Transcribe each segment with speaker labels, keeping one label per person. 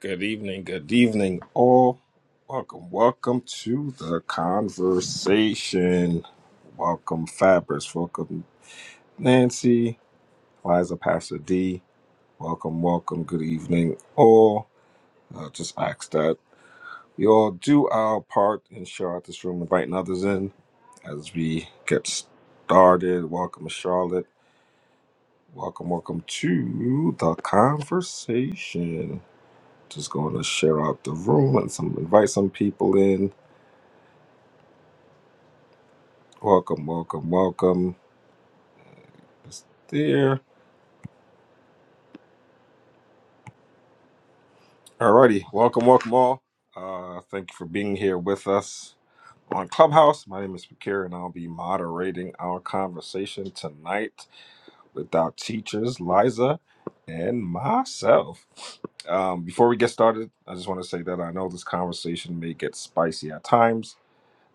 Speaker 1: Good evening, good evening, all. Welcome, welcome to the conversation. Welcome, Fabrice. Welcome, Nancy, Liza, Pastor D. Welcome, welcome, good evening, all. Uh, just ask that you all do our part and share out this room, inviting others in as we get started. Welcome, Charlotte. Welcome, welcome to the conversation. Just going to share out the room and some invite some people in. Welcome, welcome, welcome. It's there. Alrighty, welcome, welcome all. Uh, thank you for being here with us on Clubhouse. My name is Fakir, and I'll be moderating our conversation tonight with our teachers, Liza and myself. Um, before we get started, I just want to say that I know this conversation may get spicy at times.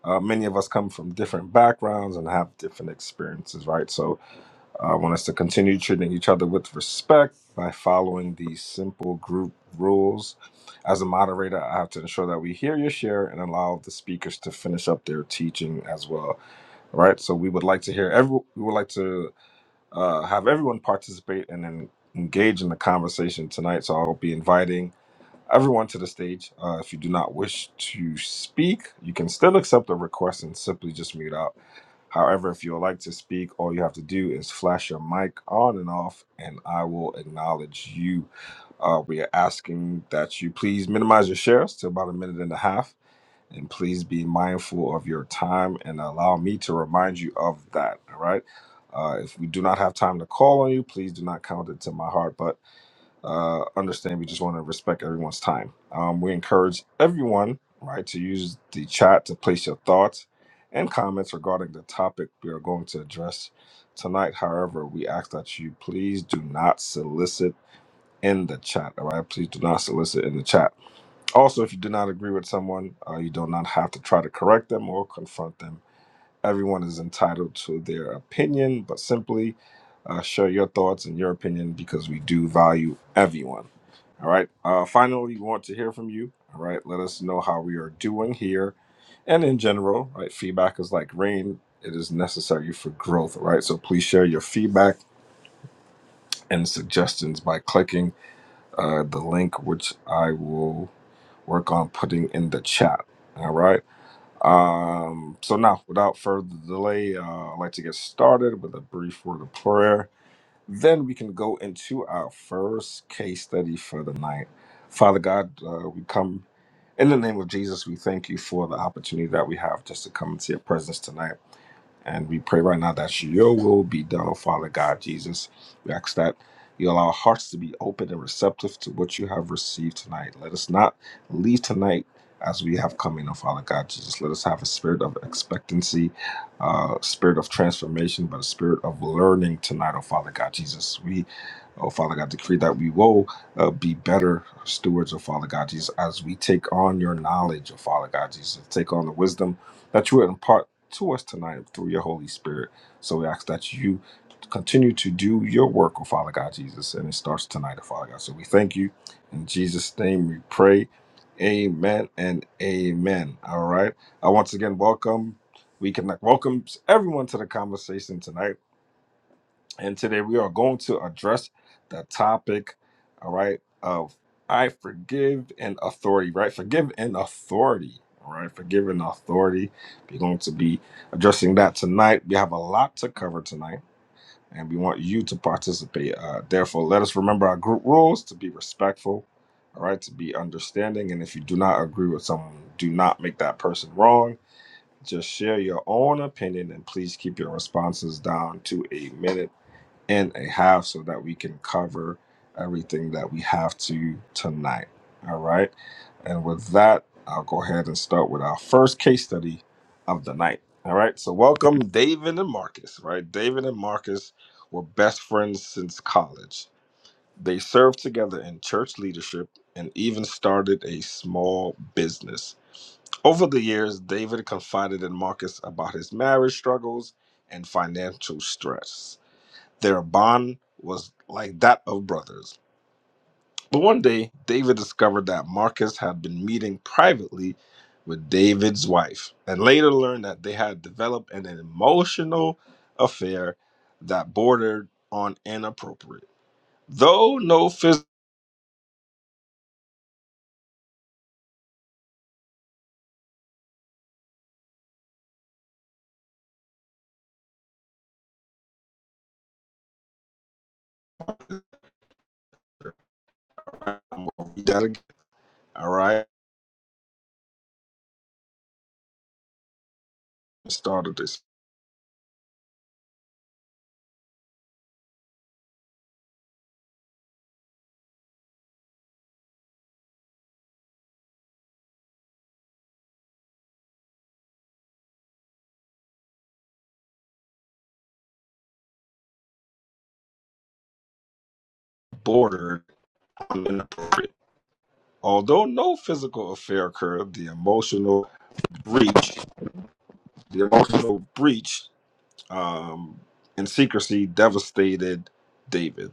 Speaker 1: Uh, many of us come from different backgrounds and have different experiences, right? So I want us to continue treating each other with respect by following these simple group rules. As a moderator, I have to ensure that we hear your share and allow the speakers to finish up their teaching as well. All right. So we would like to hear every. We would like to uh, have everyone participate and then engage in the conversation tonight. So I'll be inviting everyone to the stage. Uh, if you do not wish to speak, you can still accept the request and simply just mute out. However, if you would like to speak, all you have to do is flash your mic on and off, and I will acknowledge you. Uh, we are asking that you please minimize your shares to about a minute and a half, and please be mindful of your time and allow me to remind you of that. All right. Uh, if we do not have time to call on you, please do not count it to my heart uh, understand we just want to respect everyone's time. Um, we encourage everyone, right, to use the chat to place your thoughts and comments regarding the topic we are going to address tonight. However, we ask that you please do not solicit in the chat, all right? Please do not solicit in the chat. Also, if you do not agree with someone, uh, you do not have to try to correct them or confront them Everyone is entitled to their opinion, but simply uh, share your thoughts and your opinion because we do value everyone. All right. Uh, finally, we want to hear from you. All right. Let us know how we are doing here and in general. Right. Feedback is like rain, it is necessary for growth. All Right. So please share your feedback and suggestions by clicking uh, the link, which I will work on putting in the chat. All right. Um, so now, without further delay, uh, I'd like to get started with a brief word of prayer. Then we can go into our first case study for the night. Father God, uh, we come in the name of Jesus. We thank you for the opportunity that we have just to come into your presence tonight. And we pray right now that your will be done, oh Father God Jesus. We ask that you allow our hearts to be open and receptive to what you have received tonight. Let us not leave tonight as we have come in, oh Father God Jesus. Let us have a spirit of expectancy, uh, spirit of transformation, but a spirit of learning tonight, oh Father God Jesus. We, oh Father God, decree that we will uh, be better stewards, oh Father God Jesus, as we take on your knowledge, oh Father God Jesus, take on the wisdom that you impart to us tonight through your Holy Spirit. So we ask that you continue to do your work, oh Father God Jesus, and it starts tonight, oh Father God. So we thank you. In Jesus' name we pray. Amen and amen. All right. I once again welcome. We can welcome everyone to the conversation tonight. And today we are going to address the topic, all right, of I forgive and authority, right? Forgive and authority, all right? Forgive and authority. We're going to be addressing that tonight. We have a lot to cover tonight, and we want you to participate. Uh, therefore, let us remember our group rules to be respectful, all right, to be understanding. And if you do not agree with someone, do not make that person wrong. Just share your own opinion and please keep your responses down to a minute in a half so that we can cover everything that we have to tonight. All right. And with that, I'll go ahead and start with our first case study of the night. All right. So, welcome David and Marcus, right? David and Marcus were best friends since college. They served together in church leadership and even started a small business. Over the years, David confided in Marcus about his marriage struggles and financial stress. Their bond was like that of brothers. But one day, David discovered that Marcus had been meeting privately with David's wife, and later learned that they had developed an emotional affair that bordered on inappropriate. Though no physical, I'm gonna read that again, all right, started this bordered on inappropriate. Although no physical affair occurred, the emotional breach, the emotional breach um, in secrecy devastated David.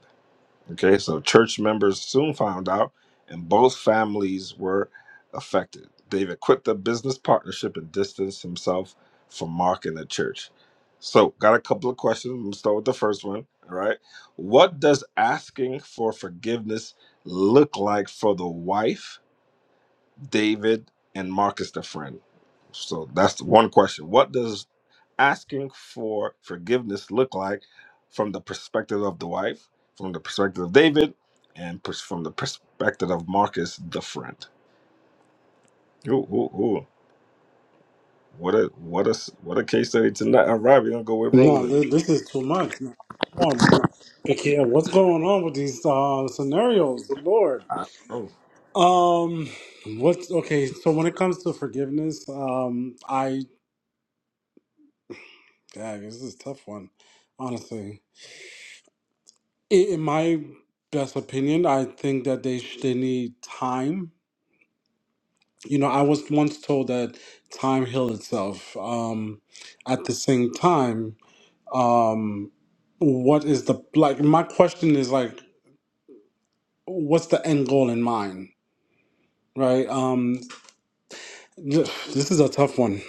Speaker 1: Okay, so church members soon found out, and both families were affected. David quit the business partnership and distanced himself from Mark and the church. So, got a couple of questions. I'm gonna start with the first one. All right, what does asking for forgiveness look like for the wife, David, and Marcus, the friend? So that's the one question. What does asking for forgiveness look like from the perspective of the wife, from the perspective of David, and pers- from the perspective of Marcus, the friend. Ooh, ooh, ooh. What a what a s- what a case study tonight. All right, we're gonna go with
Speaker 2: No,
Speaker 1: Roland.
Speaker 2: th- this is too much. No, Come on, Ikea, what's going on with these uh, scenarios, Lord?
Speaker 1: Uh, Oh.
Speaker 2: Um, what's okay? So when it comes to forgiveness, um, I dang, this is a tough one, honestly. In, in my best opinion, I think that they sh- they need time. You know, I was once told that time heals itself. Um, at the same time, um, what is the like? My question is like what's the end goal in mind right um this is a tough one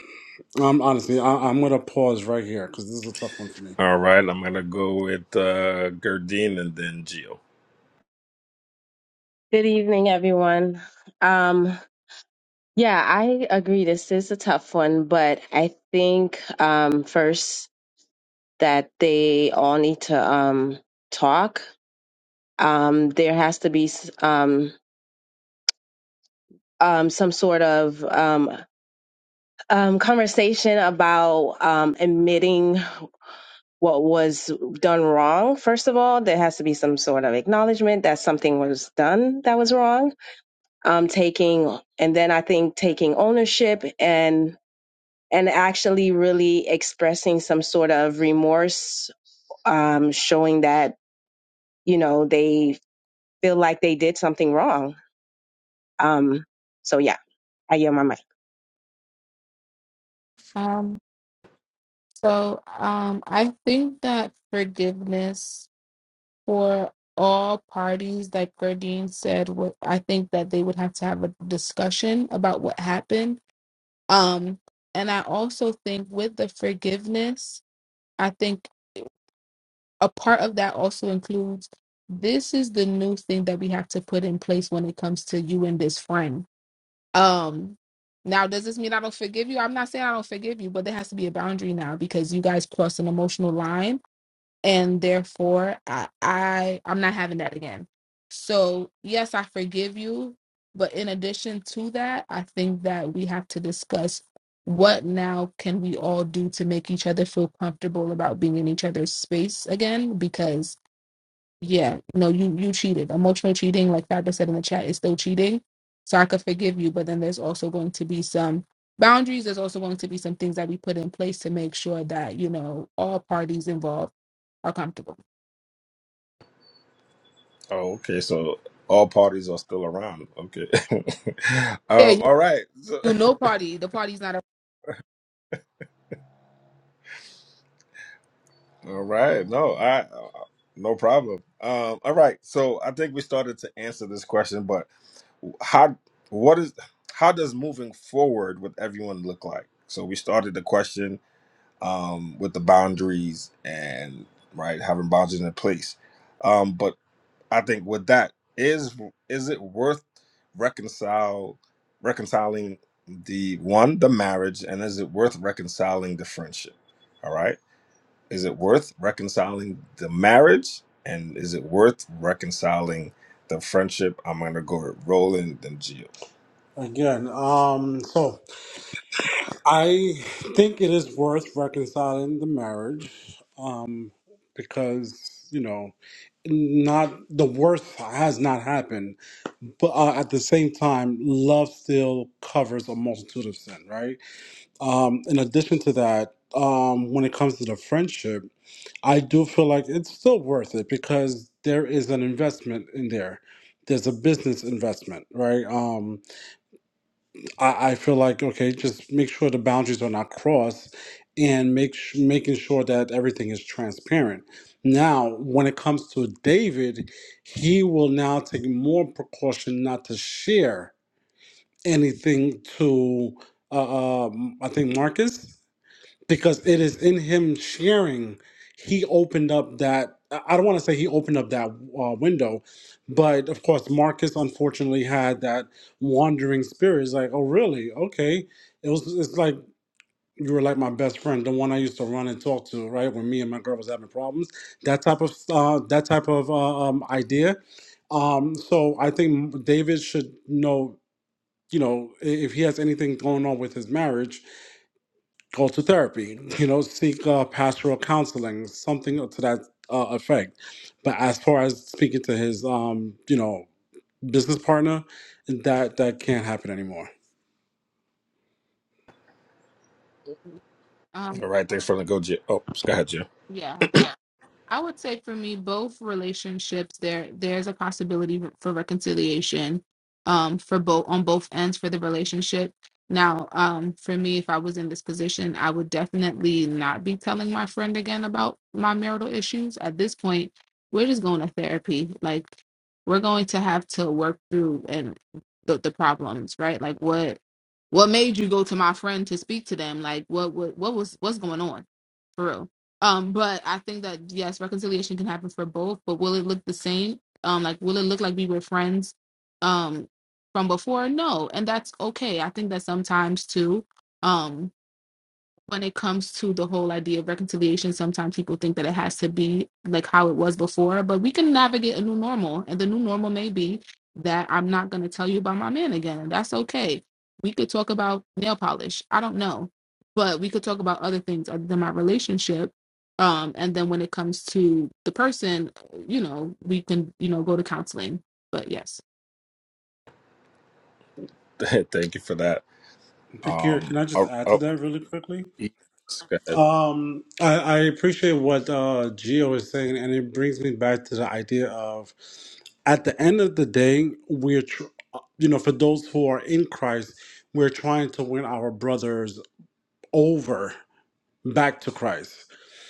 Speaker 2: um honestly I, i'm gonna pause right here because this is a tough one for me
Speaker 1: All right, I'm gonna go with uh Gerdine and then Gio.
Speaker 3: Good evening, everyone. Um, yeah, I agree. This is a tough one, but I think um, first that they all need to um, talk. Um, there has to be s- um, um, some sort of um, um, conversation about um, admitting what was done wrong. First of all, there has to be some sort of acknowledgement that something was done that was wrong um, taking and then I think taking ownership and and actually really expressing some sort of remorse, um, showing that, you know, they feel like they did something wrong. Um, so yeah, I yell my mic.
Speaker 4: Um, so um, I think that forgiveness for all parties, like Gardine said, what I think that they would have to have a discussion about what happened. Um, and I also think with the forgiveness, I think a part of that also includes this is the new thing that we have to put in place when it comes to you and this friend. Um, now, does this mean I don't forgive you? I'm not saying I don't forgive you, but there has to be a boundary now because you guys crossed an emotional line and therefore I, I i'm not having that again so yes i forgive you but in addition to that i think that we have to discuss what now can we all do to make each other feel comfortable about being in each other's space again because yeah, no, you you cheated. Emotional cheating, like Fabra said in the chat, is still cheating. So I could forgive you, but then there's also going to be some boundaries. There's also going to be some things that we put in place to make sure that you know all parties involved are comfortable.
Speaker 1: Oh, okay, so all parties are still around. Okay.
Speaker 4: Yeah,
Speaker 1: um,
Speaker 4: you,
Speaker 1: all right. so
Speaker 4: you no party. The party's not a
Speaker 1: All right. No, I no problem. Um, all right. So I think we started to answer this question, but how what is how does moving forward with everyone look like? So we started the question um with the boundaries and right having boundaries in place. Um, but I think with that is is it worth reconcile reconciling the one the marriage and is it worth reconciling the friendship? All right is it worth reconciling the marriage? And is it worth reconciling the friendship? I'm going to go with Roland and Gio.
Speaker 2: again um so i think it is worth reconciling the marriage um because you know not the worst has not happened but uh, at the same time love still covers a multitude of sin right um in addition to that um when it comes to the friendship I do feel like it's still worth it because there is an investment in there. There's a business investment, right? Um, I, I feel like okay, just make sure the boundaries are not crossed, and make sh- making sure that everything is transparent. Now, when it comes to David, he will now take more precaution not to share anything to, uh, um, I think Marcus because it is in him sharing he opened up that i I don't want to say he opened up that uh, window but of course marcus unfortunately had that wandering spirit it's like oh really okay it was it's like you were like my best friend the one i used to run and talk to right when me and my girl was having problems that type of uh, that type of uh, um, idea um, so i think david should know you know i- if he has anything going on with his marriage go to therapy, you know, seek uh, pastoral counseling, something to that uh, effect. But as far as speaking to his, um, you know, business partner, that that can't happen anymore.
Speaker 4: um
Speaker 1: All right, thanks for the go, Gio. Oh, go ahead, Gio.
Speaker 4: yeah. I would say for me, both relationships there there's a possibility for reconciliation um for both on both ends for the relationship. Now, um, for me, if I was in this position, I would definitely not be telling my friend again about my marital issues. At this point, we're just going to therapy. Like we're going to have to work through and the, the problems, right? Like what what made you go to my friend to speak to them? Like what what what was what's going on? For real um, but I think that yes, reconciliation can happen for both, but will it look the same? Um, like will it look like we were friends um from before? No. And that's okay. I think that sometimes too. Um, when it comes to the whole idea of reconciliation, sometimes people think that it has to be like how it was before, but we can navigate a new normal. And the new normal may be that I'm not going to tell you about my man again. And that's okay. We could talk about nail polish. I don't know. But we could talk about other things other than my relationship. Um, and then when it comes to the person, you know, we can, you know, go to counseling. But yes,
Speaker 1: Thank you for that.
Speaker 2: Pakir,
Speaker 1: Um,
Speaker 2: can I just
Speaker 1: oh,
Speaker 2: add to
Speaker 1: oh,
Speaker 2: that really quickly?
Speaker 1: yes, go ahead.
Speaker 2: Um, I, I appreciate what uh, Gio is saying, and it brings me back to the idea of at the end of the day, we're, tr- uh, you know, for those who are in Christ, we're trying to win our brothers over back to Christ.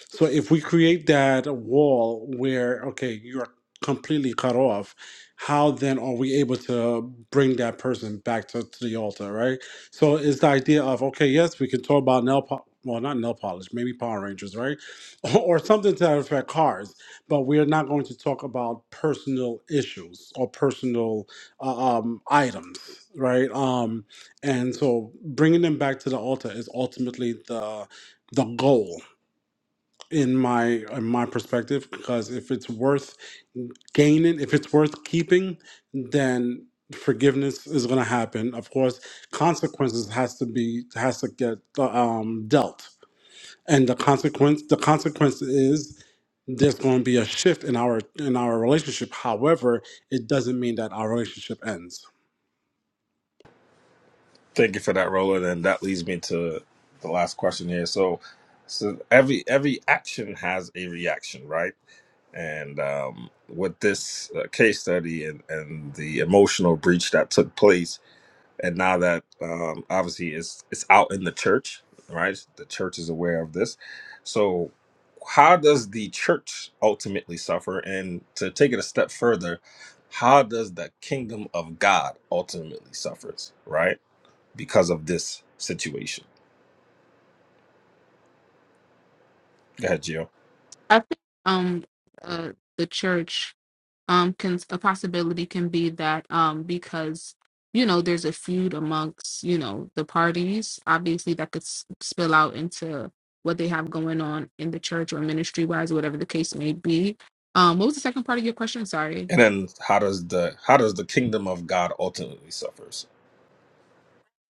Speaker 2: So if we create that wall where, okay, you're completely cut off, how then are we able to bring that person back to, to the altar, right? So it's the idea of, okay, yes, we can talk about nail polish. Well, not nail polish, maybe Power Rangers, right? Or something to that affect cars. But we're not going to talk about personal issues or personal uh, um, items, right? Um, and so bringing them back to the altar is ultimately the the goal in my in my perspective because if it's worth gaining if it's worth keeping then forgiveness is going to happen of course consequences has to be has to get um, dealt and the consequence the consequence is there's going to be a shift in our in our relationship however it doesn't mean that our relationship ends
Speaker 1: Thank you for that, Roland. And that leads me to the last question here. So, so every every action has a reaction, right? And um, with this uh, case study and, and the emotional breach that took place and now that um, obviously it's it's out in the church, right? The church is aware of this. So, how does the church ultimately suffer? And to take it a step further, how does the kingdom of God ultimately suffers, right? Because of this situation. Go ahead, Gio.
Speaker 4: I think um, uh, the church um can a possibility can be that um because you know there's a feud amongst you know the parties obviously that could s- spill out into what they have going on in the church or ministry wise whatever the case may be um what was the second part of your question sorry
Speaker 1: And then how does the how does the kingdom of God ultimately suffers?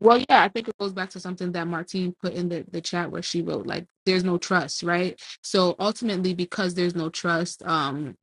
Speaker 4: Well, yeah, I think it goes back to something that Martine put in the, the chat where she wrote, like, there's no trust, right? So ultimately, because there's no trust, um,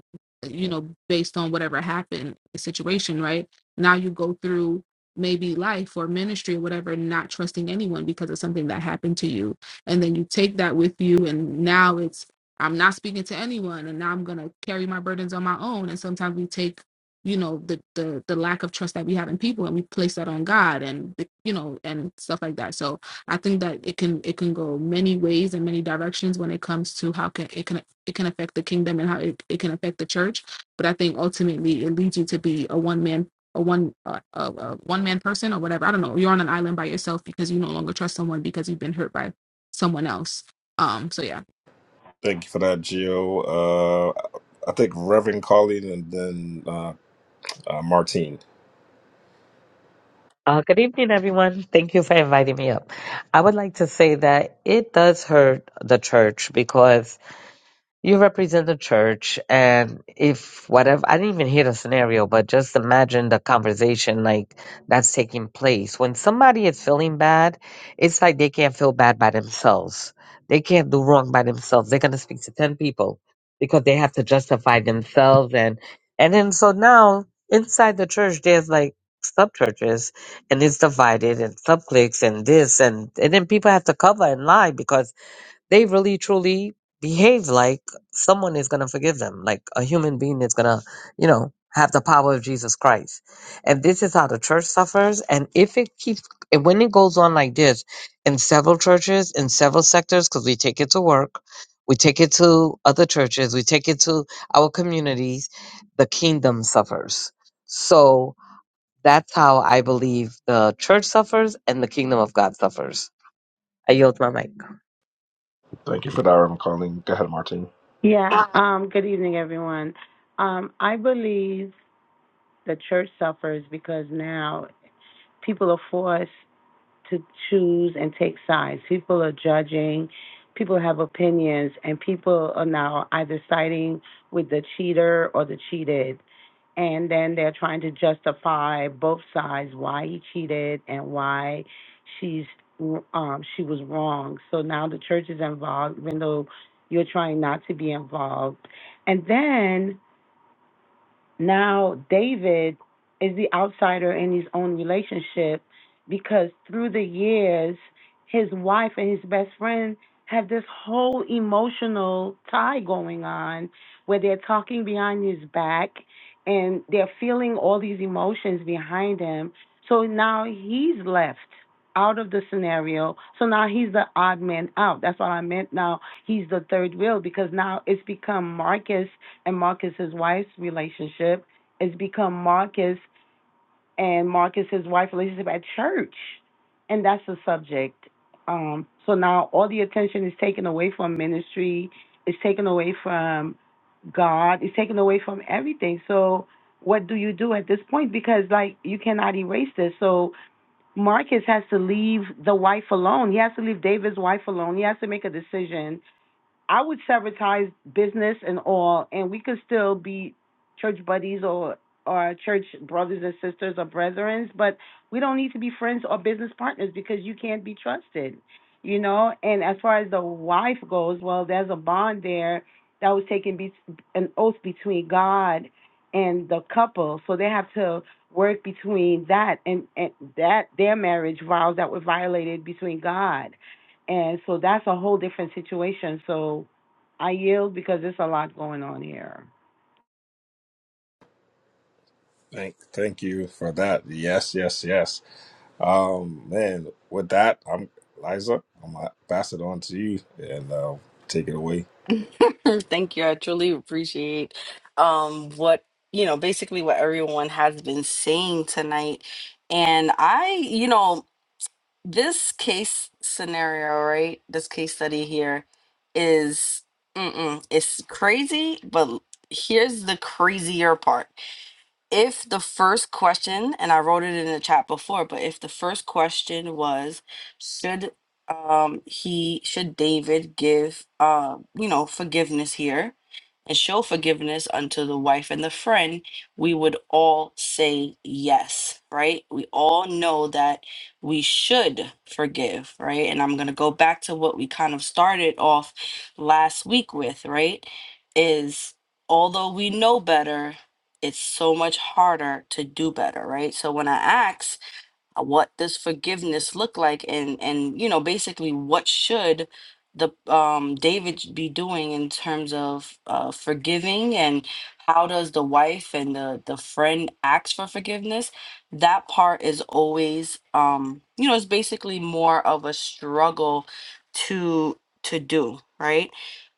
Speaker 4: you know, based on whatever happened, the situation, right? Now you go through maybe life or ministry or whatever, not trusting anyone because of something that happened to you. And then you take that with you, and now it's, I'm not speaking to anyone, and now I'm going to carry my burdens on my own. And sometimes we take you know the the the lack of trust that we have in people and we place that on god and you know and stuff like that so i think that it can it can go many ways and many directions when it comes to how can it can it can affect the kingdom and how it, it can affect the church but i think ultimately it leads you to be a one man a one uh, a, a one man person or whatever i don't know you're on an island by yourself because you no longer trust someone because you've been hurt by someone else um so yeah
Speaker 1: Thank you for that, Gio. Uh, I think Reverend Colleen, and then uh, Martine.
Speaker 5: Uh, good evening, everyone. Thank you for inviting me up. I would like to say that it does hurt the church because you represent the church and if whatever i didn't even hear the scenario but just imagine the conversation like that's taking place when somebody is feeling bad it's like they can't feel bad by themselves they can't do wrong by themselves they're going to speak to 10 people because they have to justify themselves and and then so now inside the church there's like sub churches and it's divided and sub cliques and this and and then people have to cover and lie because they really truly behave like someone is going to forgive them, like a human being is going to, you know, have the power of Jesus Christ. And this is how the church suffers. And if it keeps, and when it goes on like this in several churches, in several sectors, because we take it to work, we take it to other churches, we take it to our communities, the kingdom suffers. So that's how I believe the church suffers and the kingdom of God suffers. I yield my mic.
Speaker 1: Thank you for that, Reverend Carlene. Go ahead, Martin.
Speaker 6: Yeah, um, good evening, everyone. Um, I believe the church suffers because now people are forced to choose and take sides. People are judging, people have opinions, and people are now either siding with the cheater or the cheated. And then they're trying to justify both sides why he cheated and why she's um, she was wrong. So now the church is involved, even though you're trying not to be involved. And then now, David is the outsider in his own relationship because through the years, his wife and his best friend have this whole emotional tie going on where they're talking behind his back and they're feeling all these emotions behind him. So now he's left out of the scenario. So now he's the odd man out. That's what I meant. Now he's the third wheel because now it's become Marcus and Marcus's wife's relationship. It's become Marcus and Marcus's wife relationship at church, and that's the subject. Um, so now all the attention is taken away from ministry. It's taken away from God. It's taken away from everything. So what do you do at this point? Because like you cannot erase this. So Marcus has to leave the wife alone. He has to leave David's wife alone. He has to make a decision I would sabotage business and all, and we could still be church buddies or or church brothers and sisters or brethrens, but we don't need to be friends or business partners because you can't be trusted, you know. And as far as the wife goes, well, there's a bond there that was taken be- an oath between God and the couple, so they have to work between that and, and that their marriage vows that were violated between God and so that's a whole different situation. So I yield because there's a lot going on here.
Speaker 1: Thank, thank you for that. Yes, yes, yes. Um, man, with that, I'm Liza. I'm gonna pass it on to you and uh, take it away.
Speaker 7: Thank you. I truly appreciate um what you know, basically what everyone has been saying tonight. And I, you know, this case scenario, right? This case study here is mm-mm, it's crazy, but here's the crazier part if the first question, and I wrote it in the chat before, but if the first question was, should um he should David give uh you know forgiveness here and show forgiveness unto the wife and the friend, we would all say yes, right? We all know that we should forgive, right? And I'm gonna go back to what we kind of started off last week with, right? Is although we know better it's so much harder to do better, right? So when I ask, uh, what does forgiveness look like and and you know basically what should the um david sh- be doing in terms of uh forgiving and how does the wife and the the friend ask for forgiveness that part is always um you know it's basically more of a struggle to to do right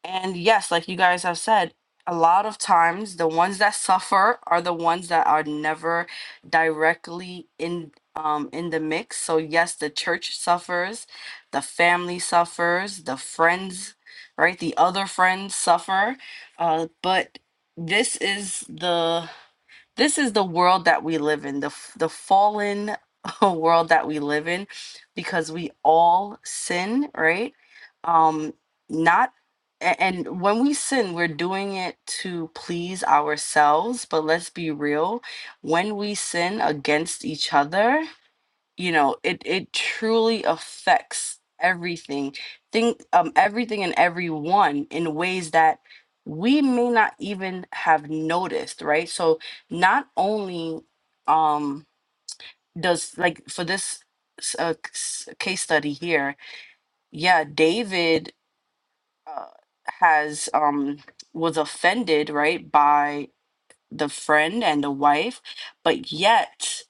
Speaker 7: and yes like you guys have said a lot of times the ones that suffer are the ones that are never directly in um, in the mix. So, yes, the church suffers, the family suffers, the friends, right? The other friends suffer. Uh, but this is the this is the world that we live in the f- the fallen world that we live in because we all sin right um not a- and when we sin we're doing it to please ourselves but let's be real when we sin against each other you know it it truly affects everything thing um everything and everyone in ways that we may not even have noticed right so not only um does like for this s- uh, s- case study here yeah david uh, has um was offended right by the friend and the wife but yet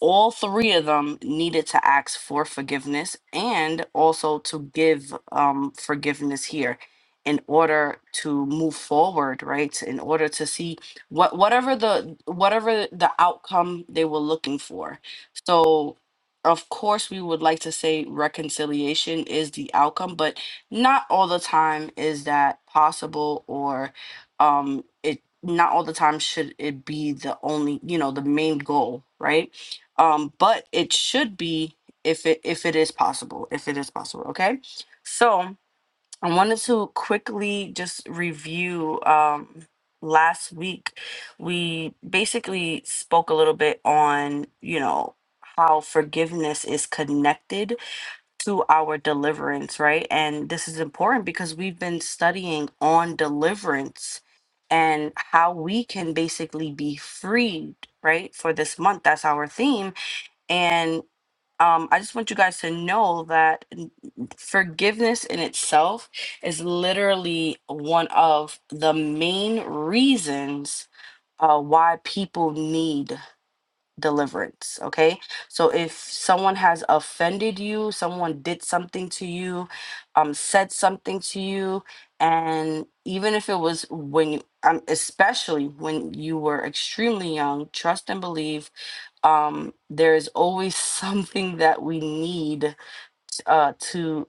Speaker 7: all three of them needed to ask for forgiveness and also to give um, forgiveness here in order to move forward right in order to see what whatever the whatever the outcome they were looking for so of course we would like to say reconciliation is the outcome but not all the time is that possible or um it not all the time should it be the only you know the main goal right um but it should be if it if it is possible if it is possible okay so i wanted to quickly just review um last week we basically spoke a little bit on you know how forgiveness is connected to our deliverance right and this is important because we've been studying on deliverance and how we can basically be freed right for this month that's our theme and um, I just want you guys to know that n- forgiveness in itself is literally one of the main reasons uh, why people need deliverance. Okay. So if someone has offended you, someone did something to you, um, said something to you, and even if it was when, you- um, especially when you were extremely young, trust and believe um, there is always something that we need uh, to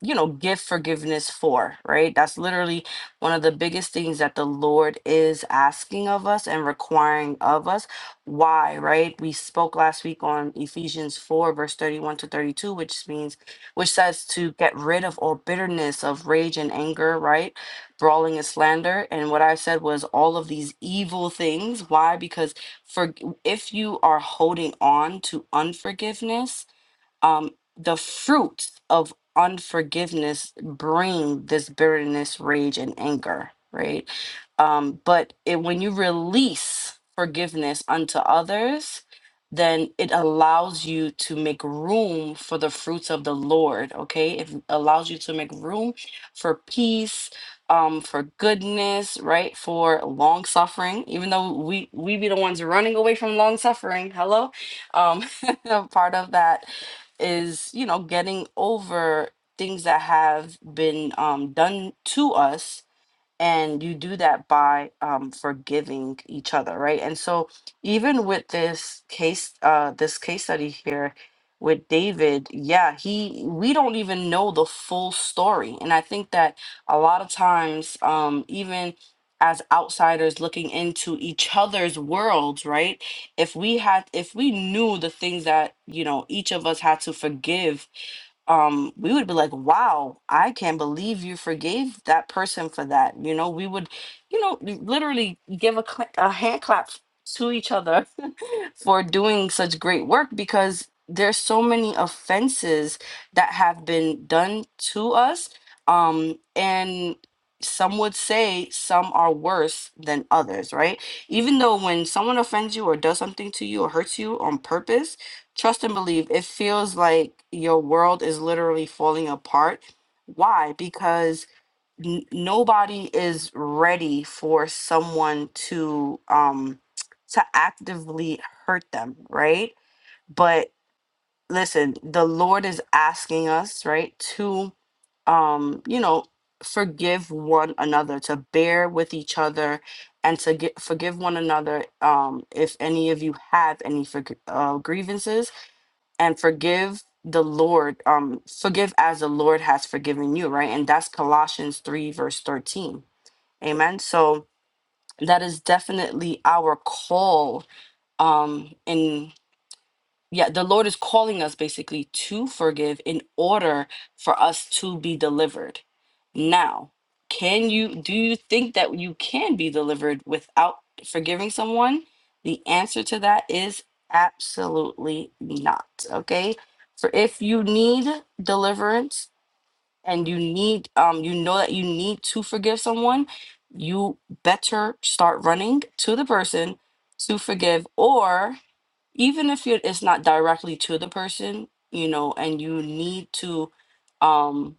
Speaker 7: you know give forgiveness for right that's literally one of the biggest things that the lord is asking of us and requiring of us why right we spoke last week on ephesians 4 verse 31 to 32 which means which says to get rid of all bitterness of rage and anger right brawling and slander and what i said was all of these evil things why because for if you are holding on to unforgiveness um, the fruits of unforgiveness bring this bitterness, rage, and anger, right? Um, but it, when you release forgiveness unto others, then it allows you to make room for the fruits of the Lord, okay? It allows you to make room for peace, um, for goodness, right? For long suffering, even though we we be the ones running away from long suffering. Hello, um, part of that is you know getting over things that have been um, done to us and you do that by um, forgiving each other right and so even with this case uh, this case study here with david yeah he we don't even know the full story and i think that a lot of times um, even as outsiders looking into each other's worlds right if we had if we knew the things that you know each of us had to forgive um we would be like wow i can't believe you forgave that person for that you know we would you know we literally give a, cla a hand clap to each other for doing such great work because there's so many offenses that have been done to us um and some would say some are worse than others right even though when someone offends you or does something to you or hurts you on purpose Trust and believe. It feels like your world is literally falling apart. Why? Because n- nobody is ready for someone to um to actively hurt them, right? But listen, the Lord is asking us, right, to um, you know, forgive one another, to bear with each other, and to get, forgive one another um, if any of you have any forg uh, grievances and forgive the Lord, um, forgive as the Lord has forgiven you, right? And that's Colossians 3, verse 13. Amen. So that is definitely our call um in yeah, the Lord is calling us basically to forgive in order for us to be delivered. Now, can you do you think that you can be delivered without forgiving someone? The answer to that is absolutely not. Okay? For if you need deliverance and you need um you know that you need to forgive someone, you better start running to the person to forgive or even if you're, it's not directly to the person, you know, and you need to, um,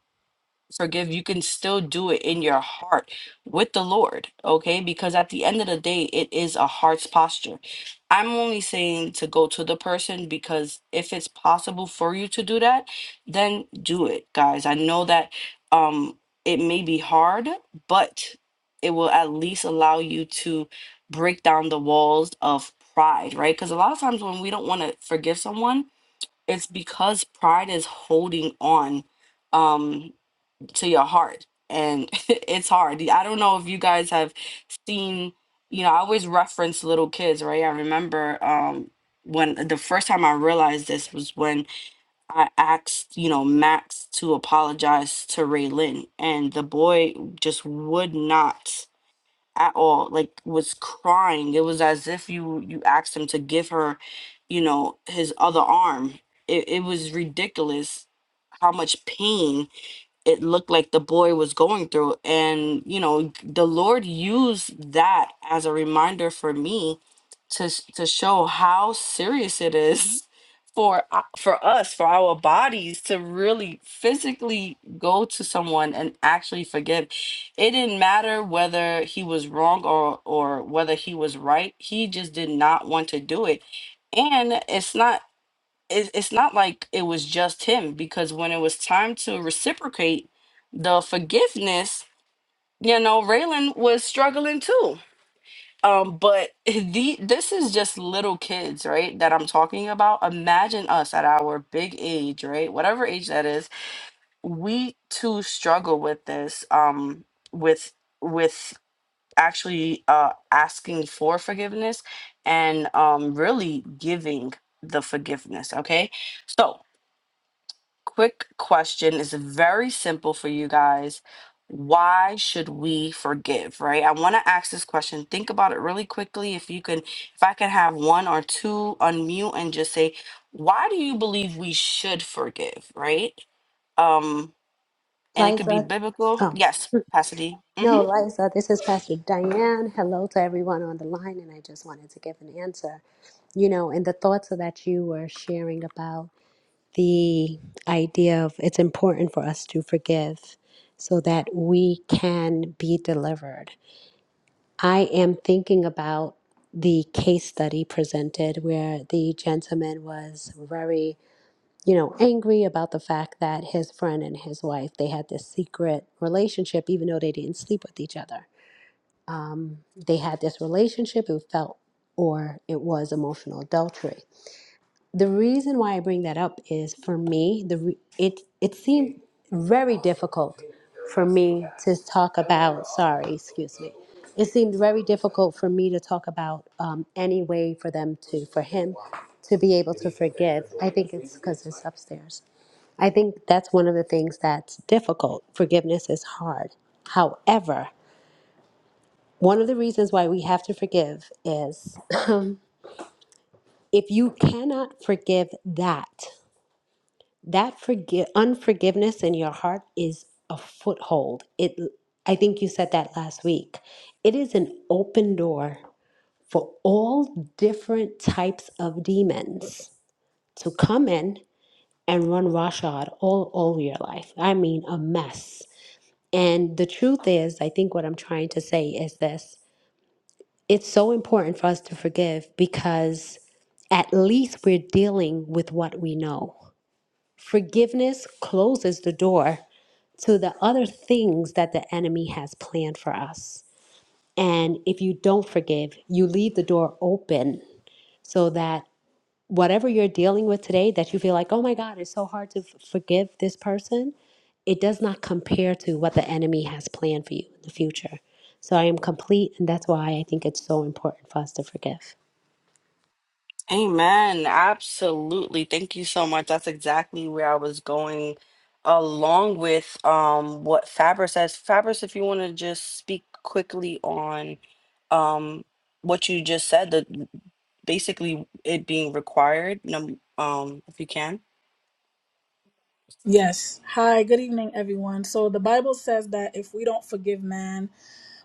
Speaker 7: forgive, you can still do it in your heart with the Lord, okay? Because at the end of the day, it is a heart's posture. I'm only saying to go to the person because if it's possible for you to do that, then do it, guys. I know that um it may be hard, but it will at least allow you to break down the walls of pride, right? Because a lot of times when we don't want to forgive someone, it's because pride is holding on. Um, to your heart and it's hard i don't know if you guys have seen you know i always reference little kids right i remember um when the first time i realized this was when i asked you know max to apologize to ray and the boy just would not at all like was crying it was as if you you asked him to give her you know his other arm it, it was ridiculous how much pain it looked like the boy was going through. And, you know, the Lord used that as a reminder for me to, s- to show how serious it is for uh, for us for our bodies to really physically go to someone and actually forgive it didn't matter whether he was wrong or or whether he was right he just did not want to do it and it's not it, it's not like it was just him because when it was time to reciprocate the forgiveness, you know, Raylan was struggling too. Um, but the this is just little kids, right? That I'm talking about. Imagine us at our big age, right? Whatever age that is, we too struggle with this. Um, with with actually uh asking for forgiveness and um really giving the forgiveness. Okay, so quick question is very simple for you guys. Why should we forgive, right? I want to ask this question. Think about it really quickly. If you can, if I can have one or two unmute and just say, why do you believe we should forgive, right? Um, and it could be
Speaker 8: Liza,
Speaker 7: biblical.
Speaker 8: oh,
Speaker 7: Yes, Pasadena.
Speaker 8: no, Liza, this is Pastor Diane. Hello to everyone on the line, and I just wanted to give an answer. You know, in the thoughts that you were sharing about the idea of it's important for us to forgive so that we can be delivered. I am thinking about the case study presented where the gentleman was very you know, angry about the fact that his friend and his wife, they had this secret relationship, even though they didn't sleep with each other. They had this relationship, it felt or it was emotional adultery. The reason why I bring that up is for me, the re- it it seemed very difficult for me to talk about. Sorry, excuse me. It seemed very difficult for me to talk about um, any way for them to, for him to be able to forgive. I think it's because it's upstairs. I think that's one of the things that's difficult. Forgiveness is hard. However, one of the reasons why we have to forgive is if you cannot forgive that, that forgive unforgiveness in your heart is a foothold. It I think you said that last week. It is an open door for all different types of demons to come in and run roughshod all over your life. I mean a mess. And the truth is, I think what I'm trying to say is this it's so important for us to forgive because at least we're dealing with what we know. Forgiveness closes the door to the other things that the enemy has planned for us. And if you don't forgive, you leave the door open so that whatever you're dealing with today that you feel like, oh my God, it's so hard to f- forgive this person, it does not compare to what the enemy has planned for you in the future. So I am complete, and that's why I think it's so important for us to forgive.
Speaker 7: Amen. Absolutely. Thank you so much. That's exactly where I was going along with um what Fabrice says. Fabrice, if you want to just speak quickly on um what you just said, that basically it being required, num- um, if you can.
Speaker 9: Yes. Hi, good evening, everyone. So the Bible says that if we don't forgive man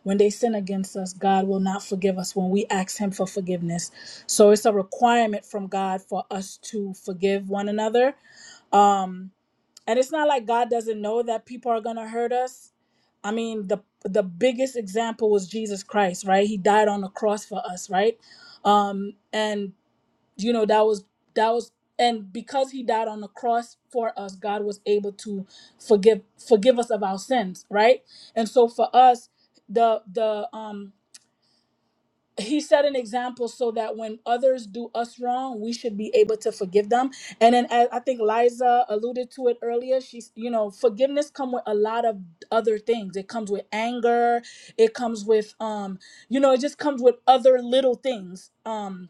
Speaker 9: when they sin against us, God will not forgive us when we ask Him for forgiveness. So it's a requirement from God for us to forgive one another. Um, and it's not like God doesn't know that people are gonna hurt us. I mean, the the biggest example was Jesus Christ, right? He died on the cross for us, right? Um, and you know that was that was and because he died on the cross for us god was able to forgive forgive us of our sins right and so for us the the um he set an example so that when others do us wrong we should be able to forgive them and then as i think liza alluded to it earlier she's you know forgiveness come with a lot of other things it comes with anger it comes with um you know it just comes with other little things um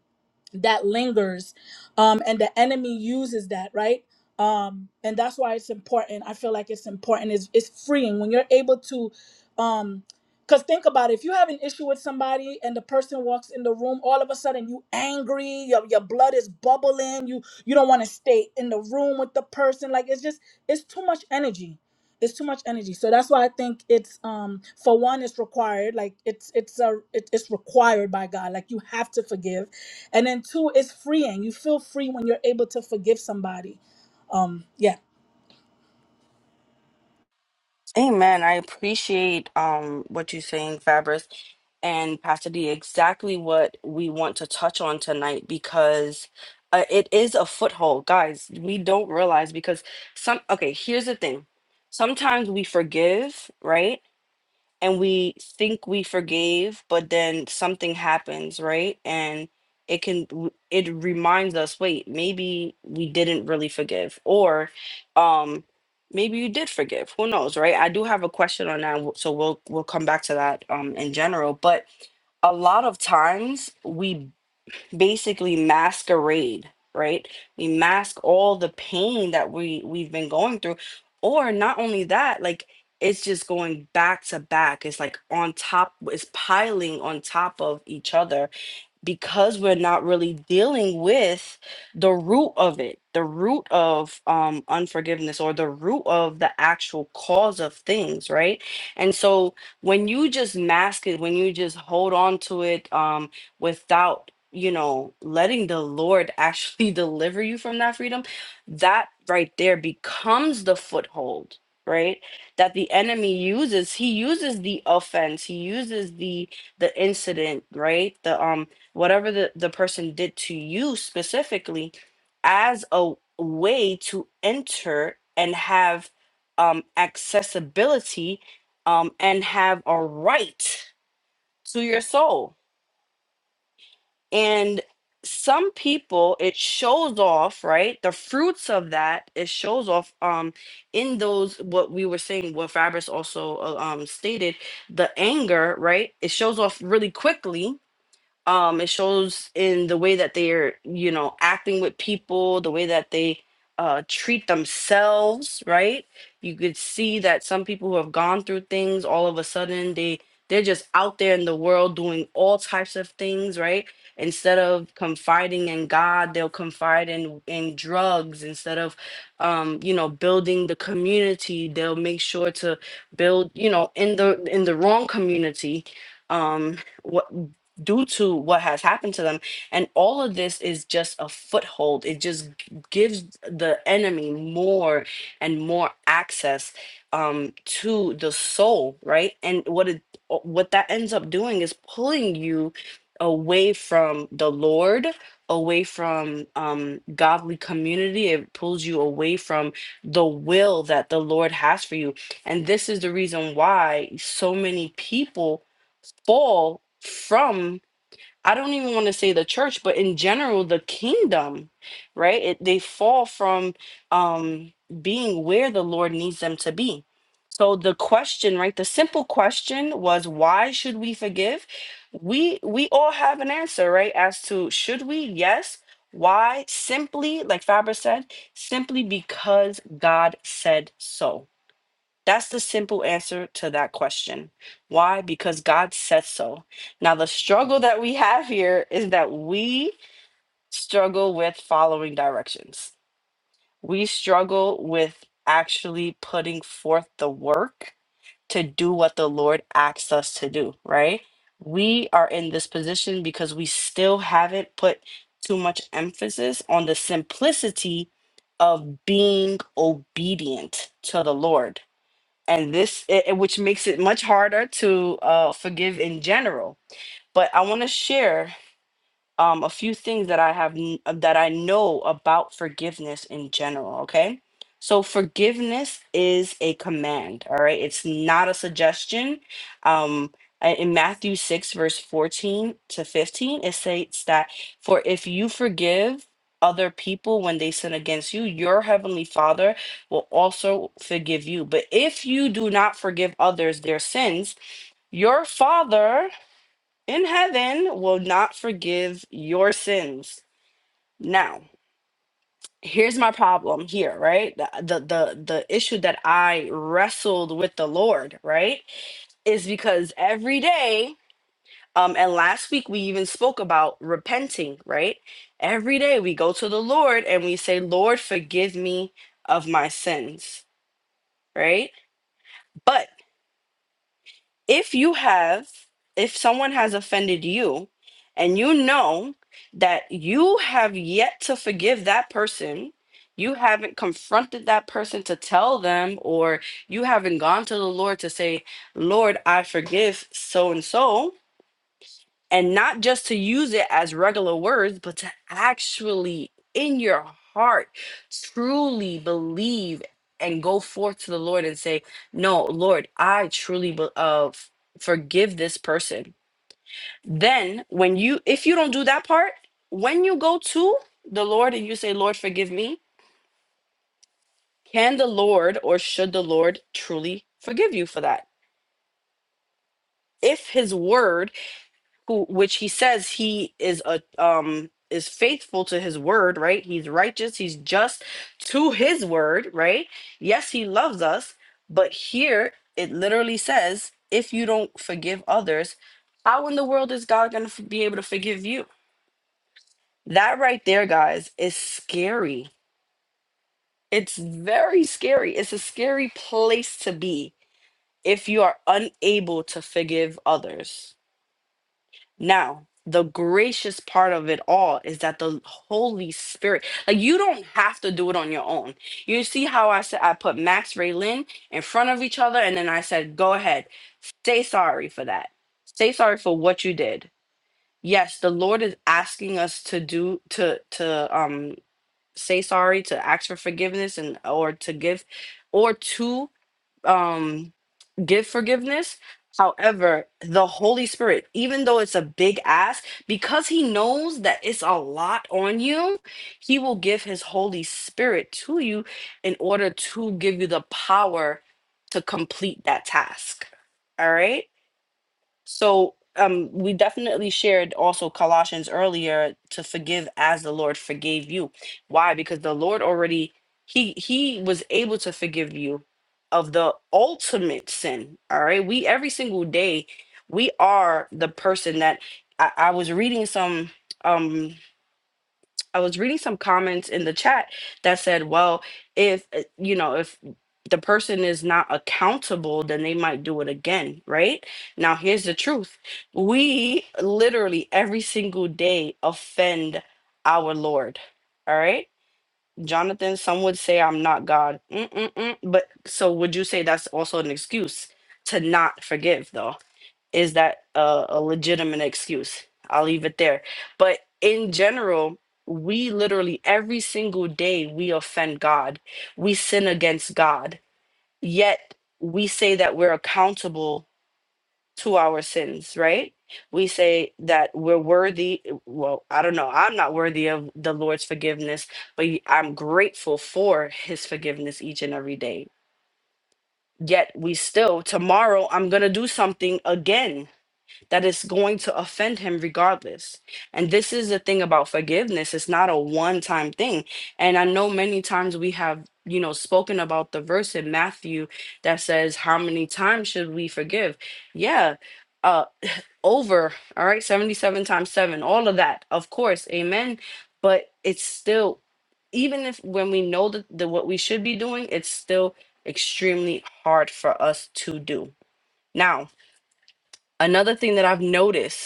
Speaker 9: that lingers um and the enemy uses that right um and that's why it's important i feel like it's important it's, it's freeing when you're able to um because think about it if you have an issue with somebody and the person walks in the room all of a sudden you angry your, your blood is bubbling you you don't want to stay in the room with the person like it's just it's too much energy it's too much energy so that's why i think it's um for one it's required like it's it's a it, it's required by god like you have to forgive and then two it's freeing you feel free when you're able to forgive somebody um yeah
Speaker 7: Amen. I appreciate um what you're saying, Fabrice and Pastor D. Exactly what we want to touch on tonight because uh, it is a foothold, guys. We don't realize because some. Okay, here's the thing. Sometimes we forgive, right? and we think we forgave, but then something happens, right? And it can w- it reminds us, wait, maybe we didn't really forgive, or um, maybe you did forgive. Who knows, right? I do have a question on that, w- so we'll we'll come back to that um in general, but a lot of times we basically masquerade, right? We mask all the pain that we we've been going through. Or not only that, like it's just going back to back. It's like on top, it's piling on top of each other because we're not really dealing with the root of it, the root of um, unforgiveness or the root of the actual cause of things, right? And so when you just mask it, when you just hold on to it um, without, you know, letting the Lord actually deliver you from that freedom, that right there becomes the foothold. Right, that the enemy uses. He uses the offense. He uses the the incident. Right, the um whatever the, the person did to you specifically as a way to enter and have um, accessibility um, and have a right to your soul. And some people, it shows off, right? The fruits of that, it shows off um, in those, what we were saying, what Fabrice also uh, um, stated, the anger, right? It shows off really quickly um it shows in the way that they're you know acting with people the way that they uh treat themselves right you could see that some people who have gone through things all of a sudden they they're just out there in the world doing all types of things right instead of confiding in god they'll confide in in drugs instead of um you know building the community they'll make sure to build you know in the in the wrong community um due to what has happened to them. And all of this is just a foothold. It just g- gives the enemy more and more access um, to the soul, right? And what it o- what that ends up doing is pulling you away from the Lord, away from um, godly community. It pulls you away from the will that the Lord has for you. And this is the reason why so many people fall from I don't even want to say the church, but in general, the kingdom, right? It, they fall from um, being where the Lord needs them to be. So the question, right? The simple question was, why should we forgive? We we all have an answer, right? As to should we? Yes. Why? Simply, like Faber said, simply because God said so that's the simple answer to that question. Why? Because God said so. Now, the struggle that we have here is that we struggle with following directions. We struggle with actually putting forth the work to do what the Lord asks us to do, right? We are in this position because we still haven't put too much emphasis on the simplicity of being obedient to the Lord and this it, it- which makes it much harder to uh, forgive in general but i want to share um, a few things that I have n- uh, that I know about forgiveness in general. Okay, so forgiveness is a command. All right, it's not a suggestion. Um, uh, in Matthew six verse fourteen to fifteen, it states that for if you forgive other people when they sin against you, your heavenly Father will also forgive you. But if you do not forgive others their sins, your Father in heaven will not forgive your sins. Now, here's my problem here, right? The, the the the issue that I wrestled with the Lord, right, is because every day um and last week we even spoke about repenting, right? Every day we go to the Lord and we say, "Lord, forgive me of my sins." Right? But. if you have if someone has offended you and you know that you have yet to forgive that person you haven't confronted that person to tell them or you haven't gone to the lord to say lord i forgive so and so and not just to use it as regular words, but to actually in your heart truly believe and go forth to the Lord and say, "No, Lord, I truly be- uh, f- forgive this person." Then, when you if you don't do that part, when you go to the Lord and you say, "Lord, forgive me," can the Lord or should the Lord truly forgive you for that? If His word who which he says he is a um is faithful to his word right he's righteous he's just to his word right yes he loves us but here it literally says if you don't forgive others how in the world is god going to be able to forgive you that right there guys is scary it's very scary it's a scary place to be if you are unable to forgive others Now, the gracious part of it all is that the Holy Spirit, like you don't have to do it on your own. You see how I said I put Max Raylin in front of each other, and then I said, go ahead, say sorry for that. Say sorry for what you did. Yes, the Lord is asking us to do to to um say sorry, to ask for forgiveness and or to give or to um give forgiveness. However, the Holy Spirit, even though it's a big ask, because He knows that it's a lot on you, He will give His Holy Spirit to you in order to give you the power to complete that task. All right. So um we definitely shared also Colossians earlier to forgive as the Lord forgave you. Why? Because the Lord already he he was able to forgive you of the ultimate sin. All right. We every single day we are the person that I, I was reading some um I was reading some comments in the chat that said, well, if uh, you know, if the person is not accountable, then they might do it again, right? Now, here's the truth. We literally every single day offend our Lord. All right? Jonathan, some would say I'm not God. Mm-mm-mm. But so would you say that's also an excuse to not forgive though? is that a, a legitimate excuse? I'll leave it there. But in general, we literally every single day we offend God, we sin against God, yet we say that we're accountable to our sins, right? We say that we're worthy. Well, I don't know. I'm not worthy of the Lord's forgiveness, but i I'm grateful for his forgiveness each and every day. Yet we still, tomorrow, I'm going to do something again that is going to offend him regardless. And this is the thing about forgiveness, it's not a one-time thing. And I know many times we have, you know, spoken about the verse in Matthew that says how many times should we forgive? Yeah, uh over, all right, 77 times 7, all of that. Of course, amen, but it's still even if when we know that the, what we should be doing, it's still extremely hard for us to do. Now, another thing that I've noticed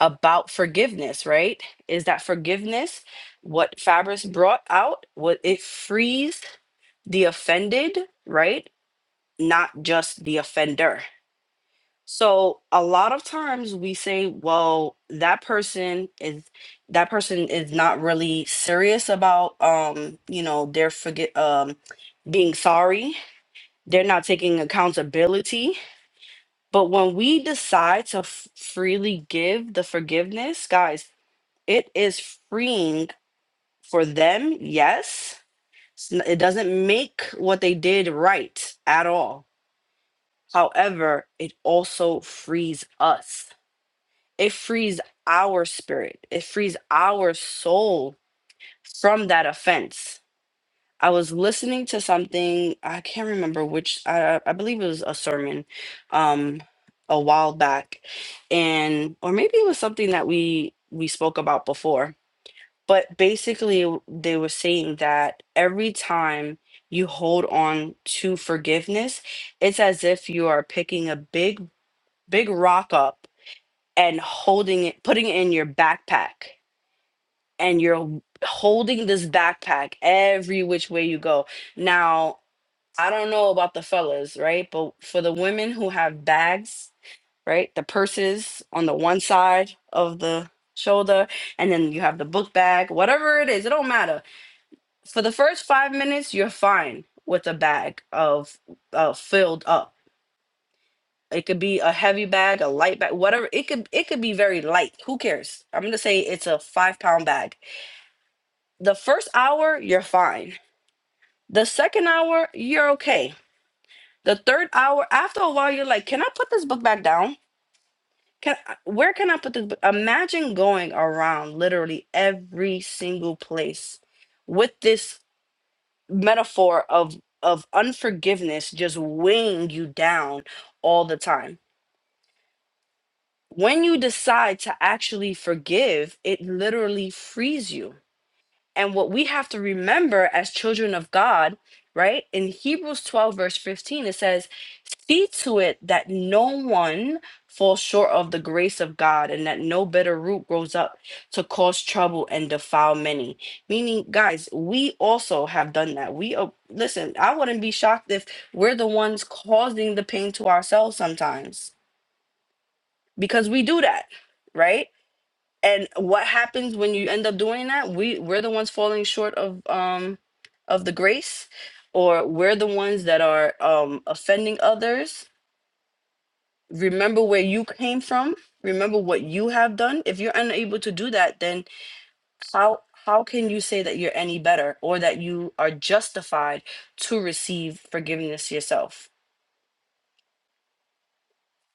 Speaker 7: about forgiveness, right? Is that forgiveness what Fabris brought out? What it frees the offended, right? Not just the offender. So a lot of times we say, well, that person is that person is not really serious about um, you know, their forget um being sorry. They're not taking accountability. But when we decide to f- freely give the forgiveness, guys, it is freeing for them yes It's n- it doesn't make what they did right at all however it also frees us it frees our spirit it frees our soul from that offense i was listening to something i can't remember which i, I believe it was a sermon um a while back and or maybe it was something that we we spoke about before But basically, they were saying that every time you hold on to forgiveness, it's as if you are picking a big, big rock up and holding it, putting it in your backpack. And you're holding this backpack every which way you go. Now, I don't know about the fellas, right? But for the women who have bags, right? The purses on the one side of the shoulder, and then you have the book bag, whatever it is, it don't matter for the first five minutes, you're fine with a bag of uh, filled up. It could be a heavy bag, a light bag, whatever. It could it could be very light. Who cares? I'm gonna say it's a five pound bag. The first hour, you're fine. The second hour, you're okay. The third hour, after a while, you're like, can I put this book back down? Can I- where can I put this? Book? Imagine going around literally every single place with this metaphor of of unforgiveness just weighing you down all the time. When you decide to actually forgive, it literally frees you. And what we have to remember as children of God, right? In Hebrews 12, verse 15, it says, See to it that no one falls short of the grace of God and that no bitter root grows up to cause trouble and defile many. Meaning, guys, we also have done that. We, uh, listen, I wouldn't be shocked if we're the ones causing the pain to ourselves sometimes because we do that, right? and what happens when you end up doing that we we're the ones falling short of um of the grace or we're the ones that are um offending others remember where you came from remember what you have done if you're unable to do that then how how can you say that you're any better or that you are justified to receive forgiveness yourself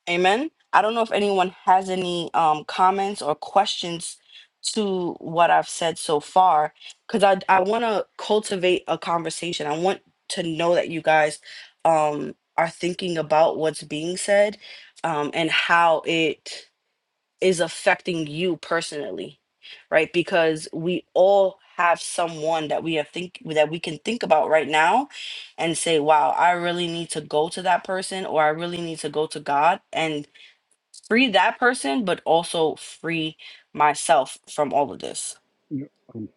Speaker 7: Amen. I don't know if anyone has any um, comments or questions to what I've said so far, because I, I want to cultivate a conversation. I want to know that you guys um, are thinking about what's being said um, and how it is affecting you personally, right? Because we all have someone that we are think that we can think about right now and say, wow, I really need to go to that person or I really need to go to God and free that person, but also free myself from all of this.
Speaker 2: yeah, Um,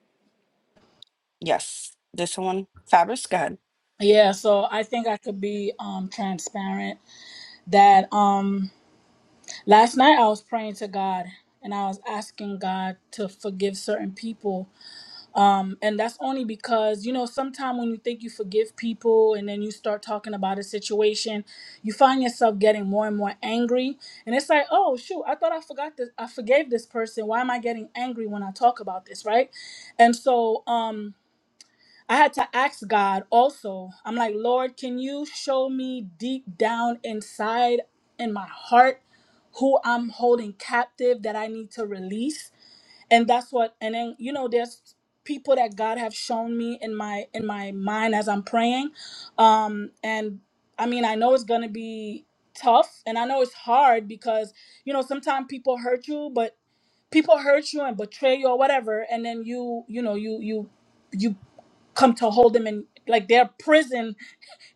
Speaker 7: Yes, this one, Fabrice. go ahead.
Speaker 9: yeah so i think i could be um transparent that um last night i was praying to god and i was asking god to forgive certain people Um, and that's only because, you know, sometimes when you think you forgive people and then you start talking about a situation, you find yourself getting more and more angry. And it's like, oh, shoot, I thought I forgot this. I forgave this person. Why am I getting angry when I talk about this? Right. And so, um, I had to ask God also. I'm like, Lord, can you show me deep down inside in my heart who I'm holding captive that I need to release? and that's what and then you know there's people that god have shown me in my in my mind as i'm praying um and i mean i know it's gonna be tough and i know it's hard because you know sometimes people hurt you but people hurt you and betray you or whatever and then you you know you you you come to hold them in like their prison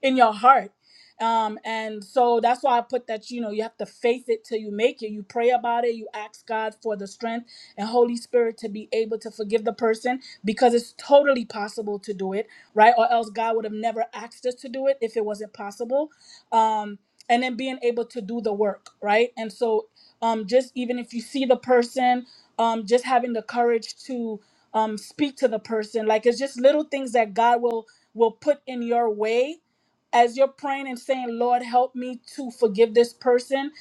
Speaker 9: in your heart. Um, and so that's why I put that, you know, you have to face it till you make it. You pray about it, you ask God for the strength and Holy Spirit to be able to forgive the person because it's totally possible to do it, right? Or else God would have never asked us to do it if it wasn't possible. Um, and then being able to do the work, right? And so um just even if you see the person, um, just having the courage to um speak to the person, like it's just little things that God will will put in your way as you're praying and saying, Lord, help me to forgive this person,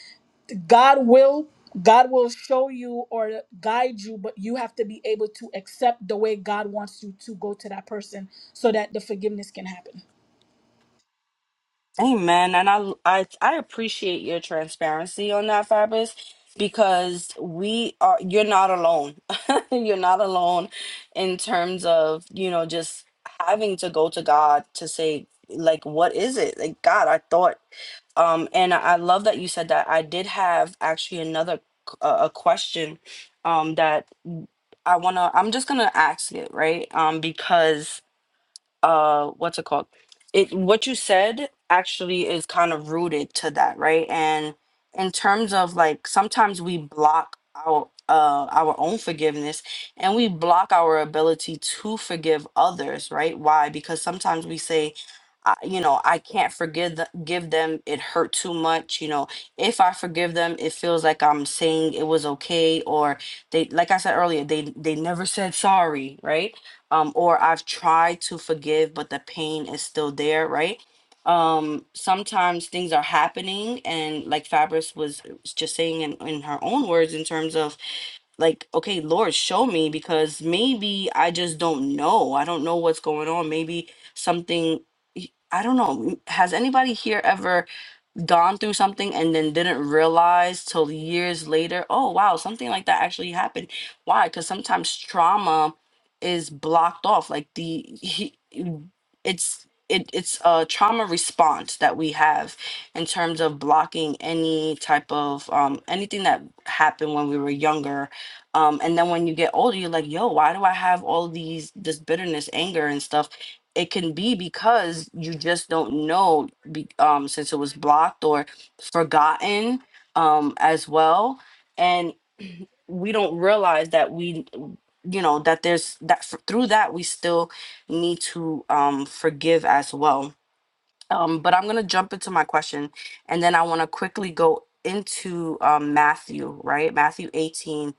Speaker 9: God will. God will show you or guide you, but you have to be able to accept the way God wants you to go to that person so that the forgiveness can happen.
Speaker 7: Amen. And I, I, I appreciate your transparency on that, Fabrice, because we are. You're not alone. you're not alone in terms of you know just having to go to God to say like, what is it? Like God, I thought. Um, and I I love that you said that. I did have actually another uh, a a question um that I wanna I'm just gonna ask it, right? Um, because uh what's it called it what you said actually is kind of rooted to that right and in terms of like sometimes we block our uh our own forgiveness and we block our ability to forgive others right why because sometimes we say I, you know i can't forgive the, give them it hurt too much you know if i forgive them it feels like i'm saying it was okay or they like i said earlier they they never said sorry right um or I've tried to forgive but the pain is still there, right? Um sometimes things are happening and like Fabrice was just saying in, in her own words in terms of like okay, Lord, show me because maybe I just don't know. I don't know what's going on. Maybe something I don't know. Has anybody here ever gone through something and then didn't realize till years later, oh wow, something like that actually happened. Why? Because sometimes trauma is blocked off. Like the he, it's it, it's a trauma response that we have in terms of blocking any type of um, anything that happened when we were younger um, and then when you get older you're like yo why do i have all these this bitterness anger and stuff it can be because you just don't know be, um since it was blocked or forgotten um as well and we don't realize that we you know that there's that f- through that we still need to um forgive as well um but i'm going to jump into my question and then i want to quickly go into um, matthew right matthew 18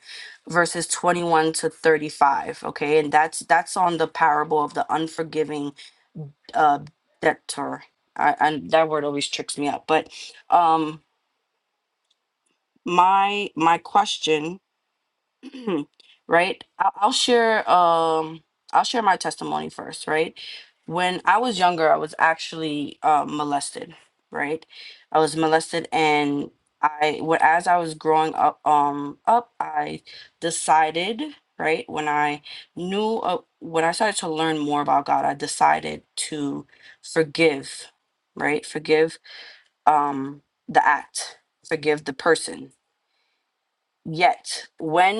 Speaker 7: verses 21 to 35 okay and that's that's on the parable of the unforgiving uh, debtor. I, I that word always tricks me up. But um, my my question right? I'll, I'll share um I'll share my testimony first, right? When I was younger, I was actually uh, molested, right? I was molested and I when as I was growing up um up, I decided, right? When I knew uh, when I started to learn more about God, I decided to forgive, right? Forgive um the act, forgive the person, yet when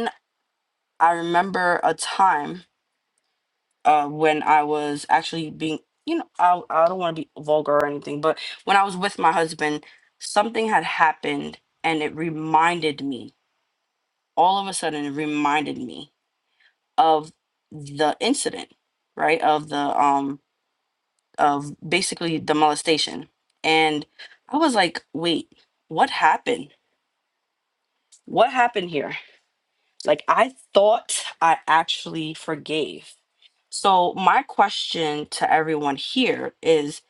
Speaker 7: I remember a time uh, when I was actually being, you know, I, I don't want to be vulgar or anything, but when I was with my husband, something had happened and it reminded me, all of a sudden, it reminded me of the incident, right? Of the, um, of basically the molestation. And I was like, wait, what happened? What happened here? Like I thought I actually forgave. So my question to everyone here is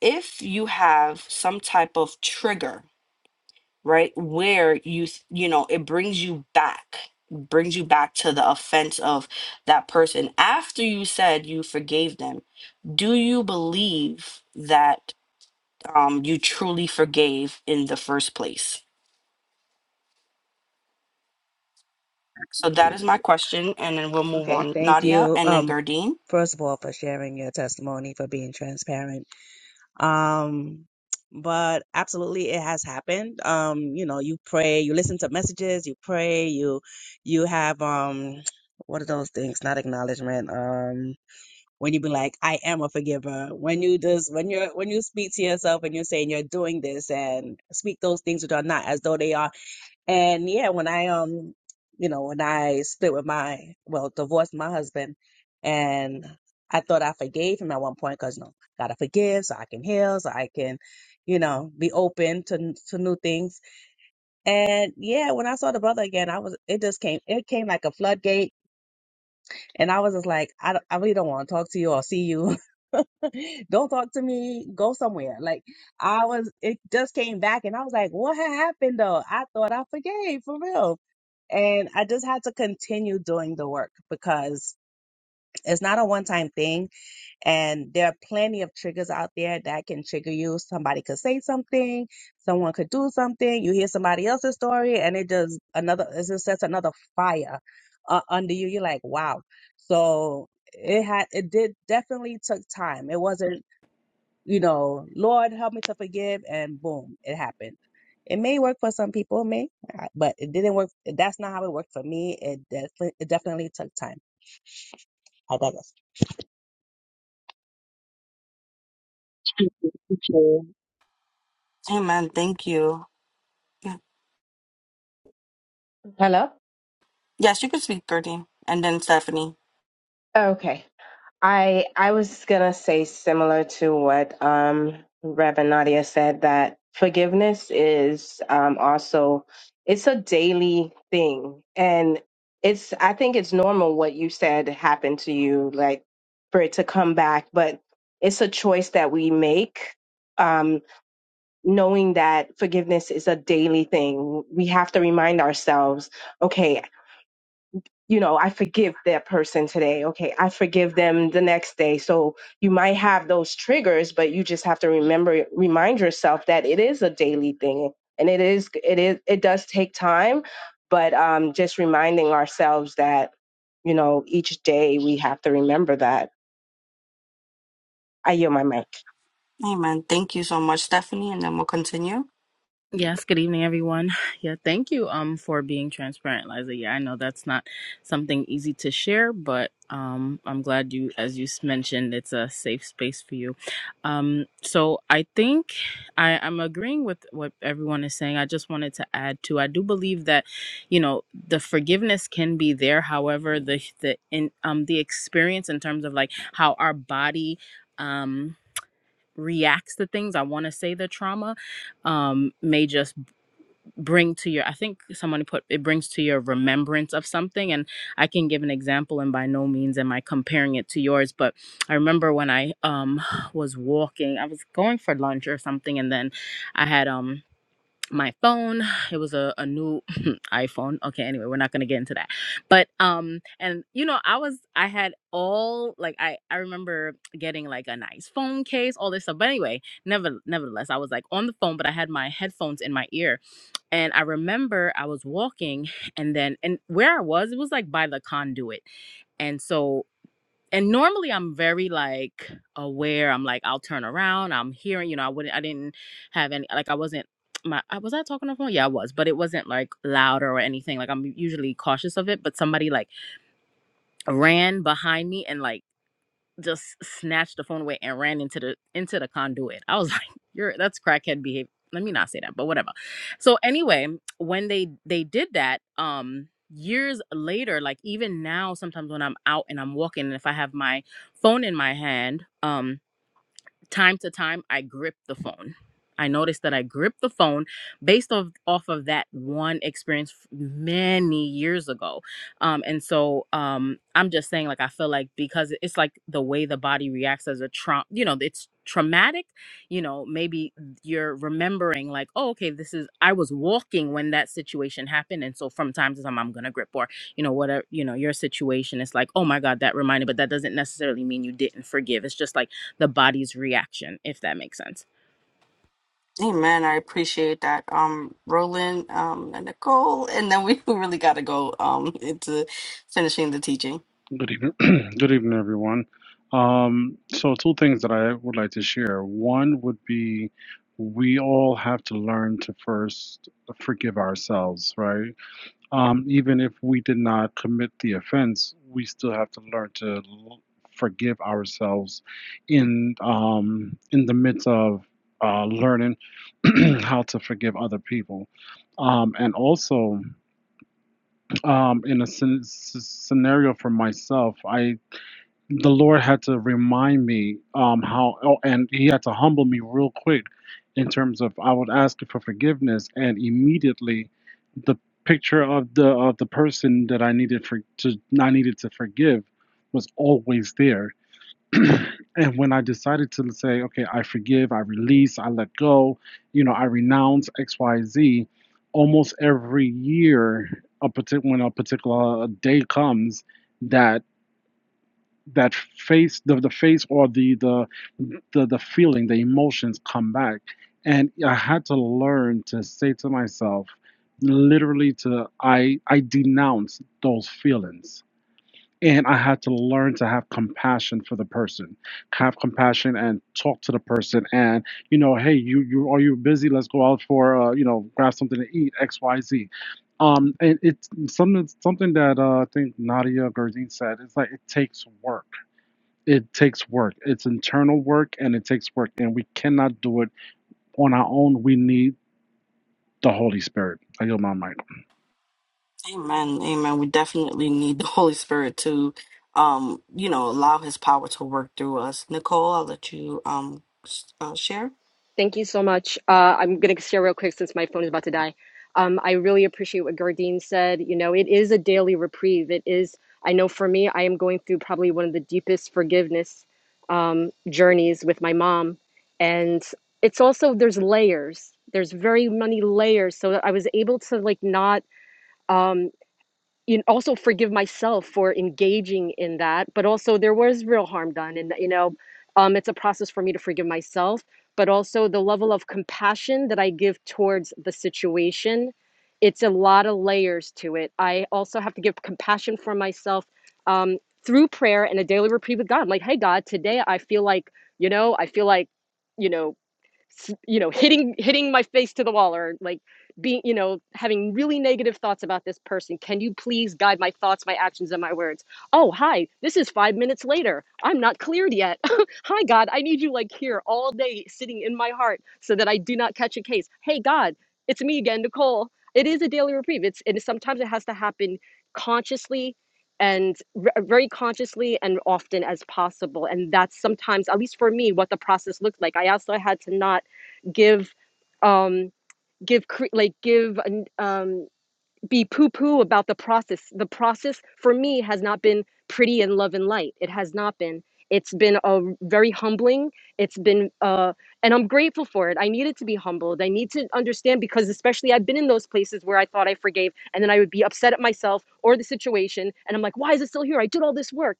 Speaker 7: if you have some type of trigger, right, where you th- you know, it brings you back, brings you back to the offense of that person after you said you forgave them, do you believe that um you truly forgave in the first place? So that is my question and then we'll move
Speaker 10: Okay,
Speaker 7: on
Speaker 10: thank
Speaker 7: Nadia
Speaker 10: you.
Speaker 7: and then
Speaker 10: Um,
Speaker 7: Gardine.
Speaker 10: first of all, for sharing your testimony, for being transparent. Um, but absolutely, it has happened. Um, you know, you pray, you listen to messages, you pray, you, you have um, what are those things? Not acknowledgement. Um, when you be like, I am a forgiver. When you just, when you're, when you speak to yourself and you're saying you're doing this and speak those things which are not as though they are and yeah, when I um, you know, when I split with my, well, divorced my husband, and I thought I forgave him at one point because you know, gotta forgive so I can heal, so I can, you know, be open to n- to new things. And yeah, when I saw the brother again, I was it just came it came like a floodgate, and I was just like, I don't, I really don't want to talk to you or see you. Don't talk to me. Go somewhere. Like I was, it just came back, and I was like, what had happened though? I thought I forgave for real and I just had to continue doing the work because it's not a one time thing. And there are plenty of triggers out there that can trigger you. Somebody could say something, someone could do something, you hear somebody else's story, and it just another, it just sets another fire uh, under you. You're like, wow. So it had, it did definitely took time. It wasn't you know, Lord, help me to forgive, and boom, it happened. It may work for some people, it may, not, but it didn't work. That's not how it worked for me. It definitely, it definitely took time. I digress.
Speaker 7: Amen. Thank you. Yeah.
Speaker 3: Hello?
Speaker 7: Yes, you can speak, Birdie. And then Stephanie.
Speaker 3: Okay. I I was gonna say similar to what um Reverend Nadia said that forgiveness is um also it's a daily thing and it's I think it's normal what you said happened to you like for it to come back but it's a choice that we make um knowing that forgiveness is a daily thing we have to remind ourselves okay you know, I forgive that person today. Okay, I forgive them the next day. So you might have those triggers, but you just have to remember, remind yourself that it is a daily thing, and it is, it is, it does take time. But um, just reminding ourselves that, you know, each day we have to remember that. I yield my mic.
Speaker 7: Amen. Thank you so much, Stephanie. And then we'll continue.
Speaker 11: Yes, good evening, everyone. Yeah, thank you um for being transparent, Liza. Yeah, I know that's not something easy to share, but um I'm glad you as you s- mentioned it's a safe space for you. Um so I think I, I'm agreeing with what everyone is saying. I just wanted to add to I do believe that, you know, the forgiveness can be there. However, the the in um the experience in terms of like how our body um reacts to things, I want to say the trauma, um, may just bring to your i think someone put it brings to your remembrance of something and i can give an example and by no means am i comparing it to yours but i remember when i um was walking i was going for lunch or something and then i had um my phone it was a, a new iphone okay anyway we're not going to get into that but um and you know i was i had all like i i remember getting like a nice phone case all this stuff but anyway never nevertheless i was like on the phone but i had my headphones in my ear and I remember I was walking and then and where I was, it was like by the conduit. And so and normally I'm very like aware. I'm like, I'll turn around. I'm hearing, you know, I wouldn't I didn't have any like I wasn't my I was I talking on the phone? Yeah, I was, but it wasn't like louder or anything. Like I'm usually cautious of it. But somebody like ran behind me and like just snatched the phone away and ran into the into the conduit. I was like, "You're that's crackhead behavior." Let me not say that, but whatever. So anyway, when they they did that, um years later, like even now sometimes when I'm out and I'm walking and if I have my phone in my hand, um time to time i grip the phone i noticed that i grip the phone based off, off of that one experience f- many years ago um, and so um, i'm just saying like i feel like because it's like the way the body reacts as a trauma you know it's traumatic you know maybe you're remembering like oh okay this is i was walking when that situation happened and so from time to time i'm gonna grip or you know whatever you know your situation is like oh my god that reminded but that doesn't necessarily mean you didn't forgive it's just like the body's reaction if that makes sense
Speaker 7: Amen. I appreciate that. Um, Roland, um, and Nicole. And then we really gotta go um into finishing the teaching.
Speaker 2: good evening, good evening, everyone. Um, so, two things that I would like to share. One would be we all have to learn to first forgive ourselves, right? Um, even if we did not commit the offense, we still have to learn to l- forgive ourselves in um, in the midst of uh, learning how to forgive other people. Um, and also, um, in a scen- s- scenario for myself, I the Lord had to remind me um how oh, and he had to humble me real quick in terms of I would ask for forgiveness and immediately the picture of the of the person that I needed for to I needed to forgive was always there. and when I decided to say, okay, I forgive, I release, I let go, you know, I renounce XYZ, almost every year a particular when a particular day comes that that face the, the face or the, the the the feeling the emotions come back and i had to learn to say to myself literally to i i denounce those feelings and i had to learn to have compassion for the person have compassion and talk to the person and you know hey you you are you busy let's go out for uh, you know grab something to eat xyz um and it's something something that uh, i think nadia Gerdine said it's like it takes work it takes work. It's internal work and it takes work, and we cannot do it on our own. We need the Holy Spirit. I yield my mic.
Speaker 7: Amen. Amen. We definitely need the Holy Spirit to um, you know, allow his power to work through us. Nicole, I'll let you um s- uh, share.
Speaker 12: Thank you so much. Uh, I'm going to share real quick since my phone is about to die. Um, I really appreciate what Gardine said. You know, it is a daily reprieve. It is, I know for me, I am going through probably one of the deepest forgiveness um, journeys with my mom. And it's also, there's layers. There's very many layers. So I was able to like not. Um, you know, also forgive myself for engaging in that but also there was real harm done and you know um, it's a process for me to forgive myself but also the level of compassion that i give towards the situation it's a lot of layers to it i also have to give compassion for myself um, through prayer and a daily reprieve with god I'm like hey god today i feel like you know i feel like you know you know hitting hitting my face to the wall or like being you know having really negative thoughts about this person can you please guide my thoughts my actions and my words oh hi this is 5 minutes later i'm not cleared yet hi god i need you like here all day sitting in my heart so that i do not catch a case hey god it's me again nicole it is a daily reprieve it's and sometimes it has to happen consciously and r- very consciously and often as possible. And that's sometimes, at least for me, what the process looked like. I also had to not give, um, give cre- like give um, be poo poo about the process. The process for me has not been pretty and love and light. It has not been. It's been a very humbling. It's been, uh, and I'm grateful for it. I needed to be humbled. I need to understand because, especially, I've been in those places where I thought I forgave, and then I would be upset at myself or the situation, and I'm like, why is it still here? I did all this work.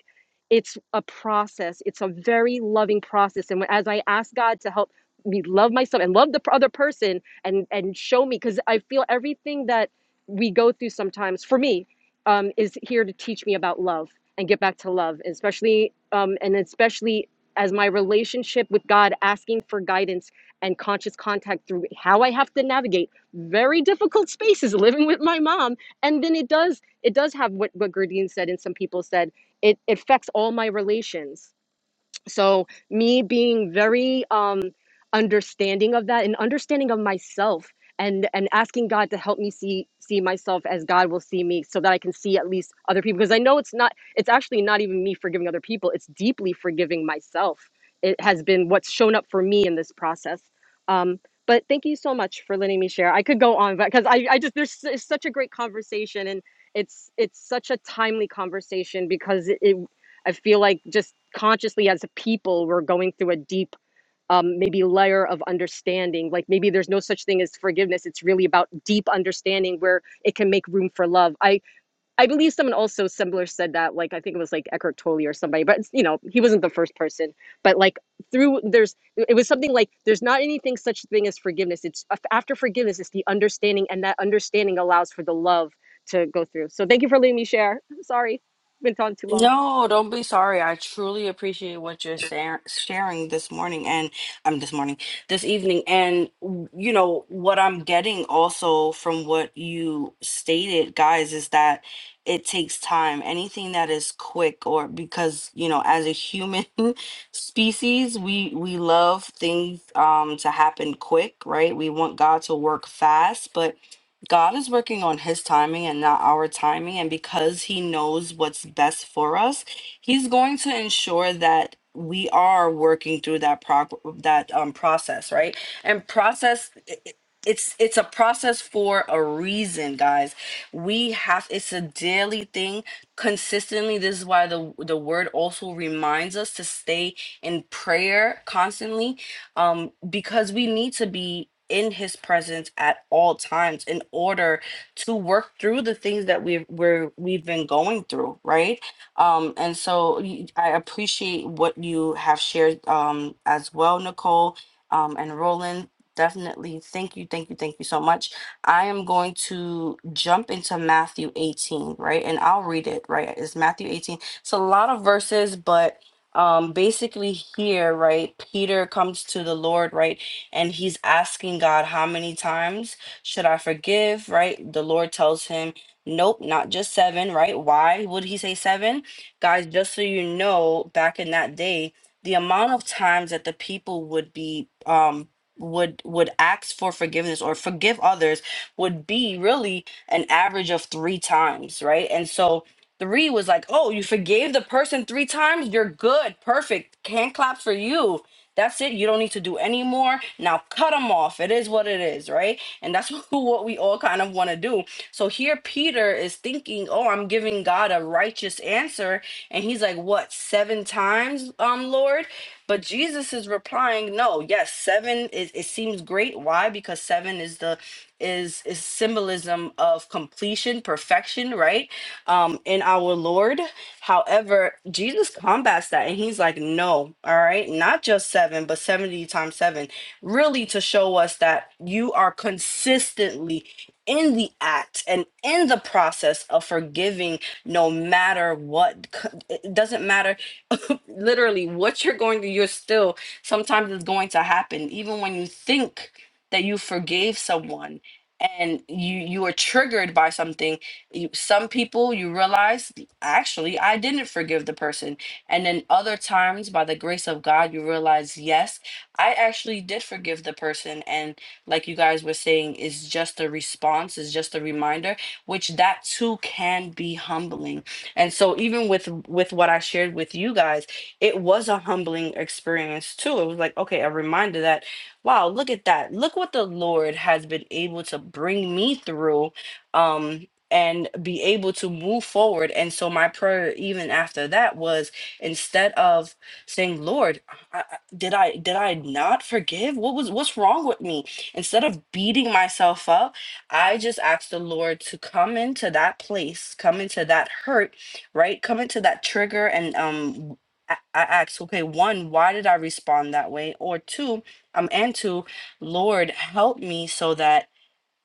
Speaker 12: It's a process. It's a very loving process, and as I ask God to help me love myself and love the other person, and and show me, because I feel everything that we go through sometimes for me um, is here to teach me about love and get back to love especially um, and especially as my relationship with god asking for guidance and conscious contact through how i have to navigate very difficult spaces living with my mom and then it does it does have what what Gurdeen said and some people said it, it affects all my relations so me being very um understanding of that and understanding of myself and and asking god to help me see see myself as god will see me so that i can see at least other people because i know it's not it's actually not even me forgiving other people it's deeply forgiving myself it has been what's shown up for me in this process um but thank you so much for letting me share i could go on but because I, I just there's s- it's such a great conversation and it's it's such a timely conversation because it, it I feel like just consciously as a people, we're going through a deep, um, maybe layer of understanding. Like maybe there's no such thing as forgiveness. It's really about deep understanding where it can make room for love. I I believe someone also similar said that. Like I think it was like Eckhart Tolle or somebody, but it's, you know he wasn't the first person. But like through there's it was something like there's not anything such thing as forgiveness. It's after forgiveness, it's the understanding, and that understanding allows for the love to go through. So thank you for letting me share. Sorry, went on too long.
Speaker 7: No, don't be sorry. I truly appreciate what you're sa- sharing this morning and I'm this morning, this evening. And, w- you know, what I'm getting also from what you stated, guys, is that it takes time. Anything that is quick or because, you know, as a human species, we we love things um to happen quick, right? We want God to work fast, but God is working on his timing and not our timing. And because he knows what's best for us, he's going to ensure that we are working through that prog- that um, process, right? And process i- i- it's it's a process for a reason, guys. We have it's a daily thing consistently. This is why the the word also reminds us to stay in prayer constantly um, because we need to be in his presence at all times in order to work through the things that we've we're, we've been going through right um and so y- i appreciate what you have shared um as well nicole um and roland definitely thank you thank you thank you so much I am going to jump into Matthew 18, right? And I'll read it, right? It's Matthew 18. It's a lot of verses, but um basically here right peter comes to the lord right and he's asking god how many times should i forgive right the lord tells him nope not just seven right why would he say seven guys just so you know back in that day the amount of times that the people would be um would would ask for forgiveness or forgive others would be really an average of three times right and so Three was like, oh, you forgave the person three times. You're good. Perfect. Hand claps for you. That's it. You don't need to do any more. Now cut them off. It is what it is, right? And that's what we all kind of want to do. So here Peter is thinking, oh, I'm giving God a righteous answer. And he's like, what, seven times, um, Lord? But Jesus is replying, no, yes, seven is it seems great. Why? Because seven is the is is symbolism of completion, perfection, right? Um, in our Lord. However, Jesus combats that and he's like, no, all right, not just seven, but 70 times seven, really to show us that you are consistently in the act and in the process of forgiving no matter what C- it doesn't matter literally what you're going to you're still sometimes it's going to happen even when you think that you forgave someone and you you are triggered by something you, some people you realize actually i didn't forgive the person and then other times by the grace of god you realize yes i actually did forgive the person and like you guys were saying is just a response is just a reminder which that too can be humbling and so even with with what i shared with you guys it was a humbling experience too it was like okay a reminder that wow, look at that. Look what the Lord has been able to bring me through um and be able to move forward. And so my prayer even after that was instead of saying, "Lord, I, I- did I did I not forgive? What was what's wrong with me?" Instead of beating myself up, I just asked the Lord to come into that place, come into that hurt, right? Come into that trigger and um I I asked, okay, one, why did I respond that way? Or two, um and to lord help me so that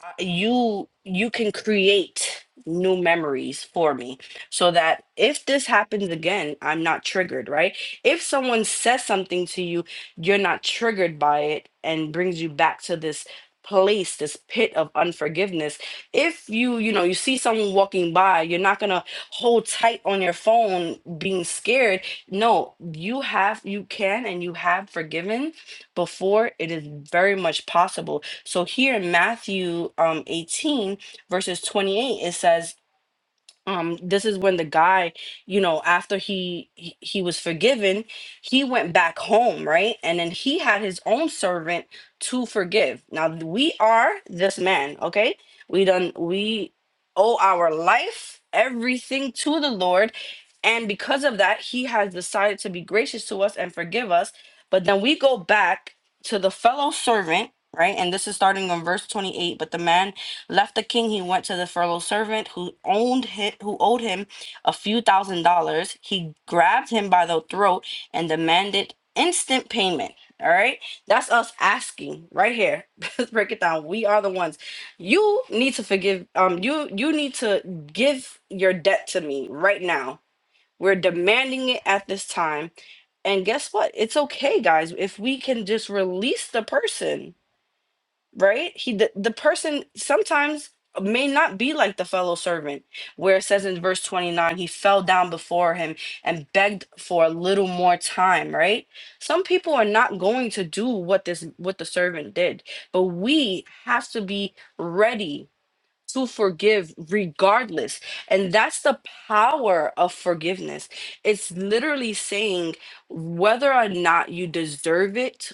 Speaker 7: uh, you you can create new memories for me so that if this happens again i'm not triggered right if someone says something to you you're not triggered by it and brings you back to this place this pit of unforgiveness if you you know you see someone walking by you're not going to hold tight on your phone being scared no you have you can and you have forgiven before it is very much possible so here in Matthew um, 18, verses 28, it says, um this is when the guy you know after he, he he was forgiven he went back home right and then he had his own servant to forgive now we are this man okay we done we owe our life everything to the lord and because of that he has decided to be gracious to us and forgive us but then we go back to the fellow servant right and this is starting on verse 28 but the man Left the king, he went to the furloughed servant who owned him, who owed him a few thousand dollars. He grabbed him by the throat and demanded instant payment. All right, that's us asking right here. Let's break it down. We are the ones. You need to forgive. Um, you you need to give your debt to me right now. We're demanding it at this time. And guess what? It's okay, guys. If we can just release the person, right? He the, the person sometimes may not be like the fellow servant, where it says in verse 29, he fell down before him and begged for a little more time, right? Some people are not going to do what this what the servant did, but we have to be ready to forgive regardless. And that's the power of forgiveness. It's literally saying whether or not you deserve it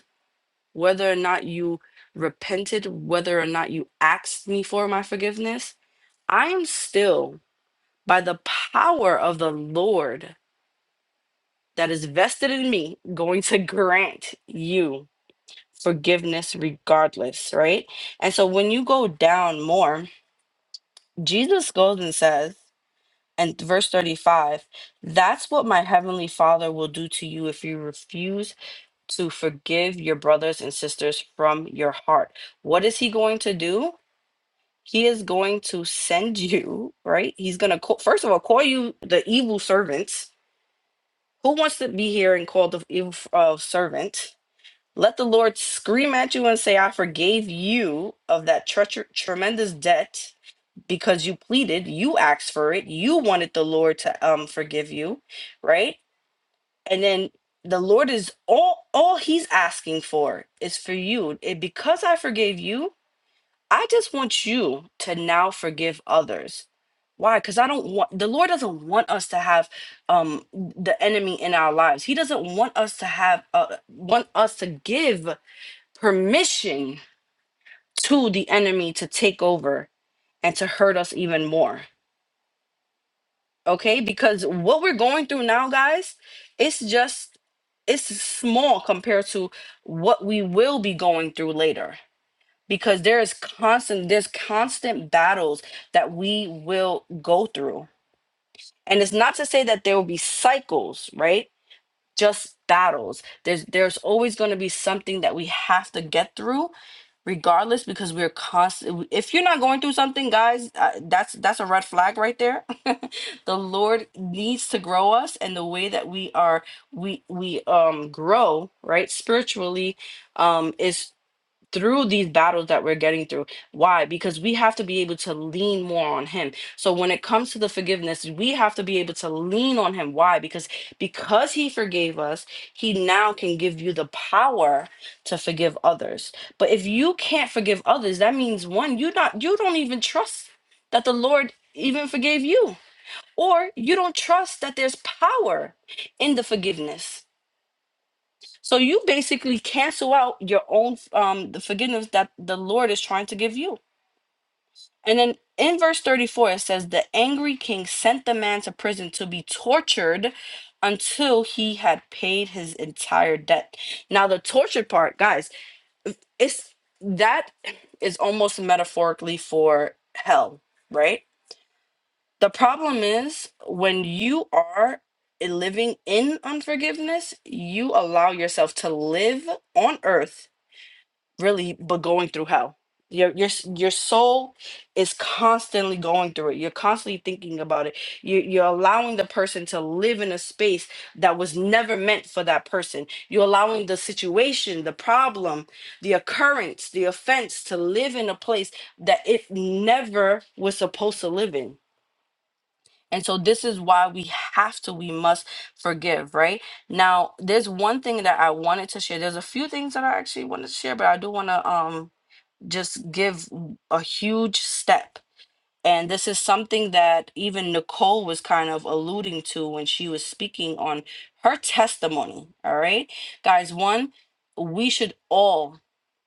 Speaker 7: whether or not you repented, whether or not you asked me for my forgiveness, I am still, by the power of the Lord that is vested in me, going to grant you forgiveness regardless, right? And so when you go down more, Jesus goes and says, and verse 35, that's what my heavenly Father will do to you if you refuse to forgive your brothers and sisters from your heart. What is he going to do? He is going to send you, right? He's going to call, first of all, call you the evil servants. Who wants to be here and called the evil uh, servant? Let the Lord scream at you and say, I forgave you of that treacher tremendous debt because you pleaded, you asked for it, you wanted the Lord to um, forgive you, right? And then the Lord is all all he's asking for is for you. It, because I forgave you, I just want you to now forgive others. Why? Because I don't want the Lord doesn't want us to have um the enemy in our lives. He doesn't want us to have uh, want us to give permission to the enemy to take over and to hurt us even more. Okay? Because what we're going through now, guys, it's just it's small compared to what we will be going through later because there is constant there's constant battles that we will go through and it's not to say that there will be cycles right just battles there's there's always going to be something that we have to get through regardless because we're constant if you're not going through something guys uh, that's that's a red flag right there the lord needs to grow us and the way that we are we we um grow right spiritually um is through these battles that we're getting through. Why? Because we have to be able to lean more on him. So when it comes to the forgiveness, we have to be able to lean on him. Why? Because because he forgave us, he now can give you the power to forgive others. But if you can't forgive others, that means one, you not you don't even trust that the Lord even forgave you. Or you don't trust that there's power in the forgiveness so you basically cancel out your own um the forgiveness that the Lord is trying to give you. And then in verse 34 it says the angry king sent the man to prison to be tortured until he had paid his entire debt. Now the tortured part, guys, it's that is almost metaphorically for hell, right? The problem is when you are living in unforgiveness, you allow yourself to live on earth really but going through hell your your s- your soul is constantly going through it you're constantly thinking about it you, you're allowing the person to live in a space that was never meant for that person you're allowing the situation the problem the occurrence the offense to live in a place that it never was supposed to live in and so this is why we have to we must forgive right now there's one thing that i wanted to share there's a few things that i actually wanted to share but i do want to um just give a huge step. And this is something that even Nicole was kind of alluding to when she was speaking on her testimony. All right. Guys, one, we should all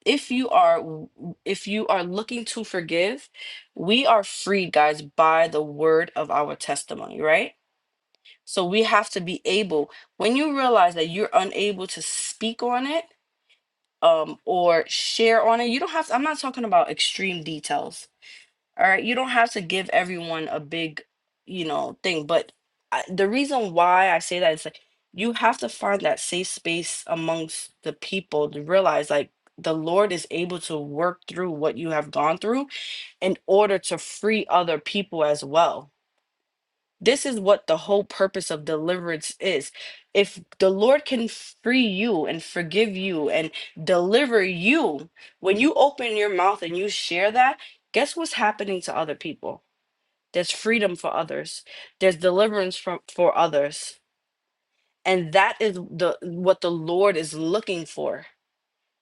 Speaker 7: if you are if you are looking to forgive we are freed guys by the word of our testimony right so we have to be able when you realize that you're unable to speak on it um or share on it you don't have to, i'm not talking about extreme details all right, you don't have to give everyone a big, you know, thing. But I, the reason why I say that is like you have to find that safe space amongst the people to realize like the Lord is able to work through what you have gone through in order to free other people as well. This is what the whole purpose of deliverance is. If the Lord can free you and forgive you and deliver you, when you open your mouth and you share that, guess what's happening to other people? there's freedom for others there's deliverance from for others and that is the what the lord is looking for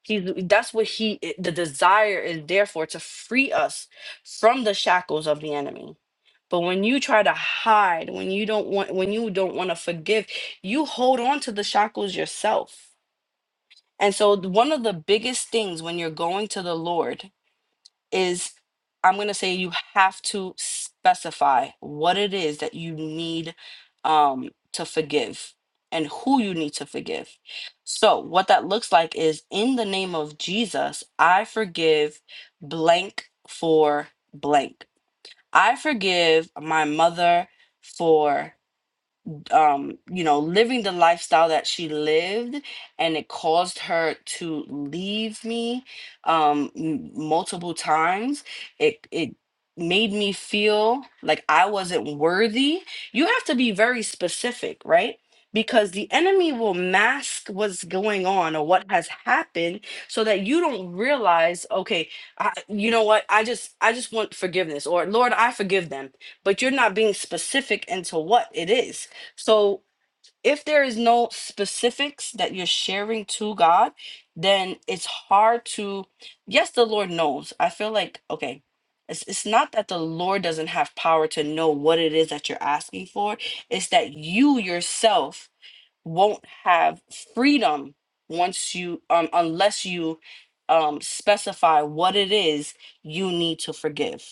Speaker 7: he's that's what he i- the desire is there for to free us from the shackles of the enemy but when you try to hide when you don't want when you don't want to forgive you hold on to the shackles yourself and so th- one of the biggest things when you're going to the lord is I'm going to say you have to specify what it is that you need um, to forgive and who you need to forgive. So, what that looks like is in the name of Jesus, I forgive blank for blank. I forgive my mother for um, you know, living the lifestyle that she lived, and it caused her to leave me um, m- multiple times. It it made me feel like I wasn't worthy. You have to be very specific, right? Because the enemy will mask what's going on or what has happened, so that you don't realize. Okay, I, you know what? I just I just want forgiveness, or Lord, I forgive them but you're not being specific into what it is. So if there is no specifics that you're sharing to God, then it's hard to yes, the Lord knows. I feel like okay, it's it's not that the Lord doesn't have power to know what it is that you're asking for, it's that you yourself won't have freedom once you um unless you um specify what it is you need to forgive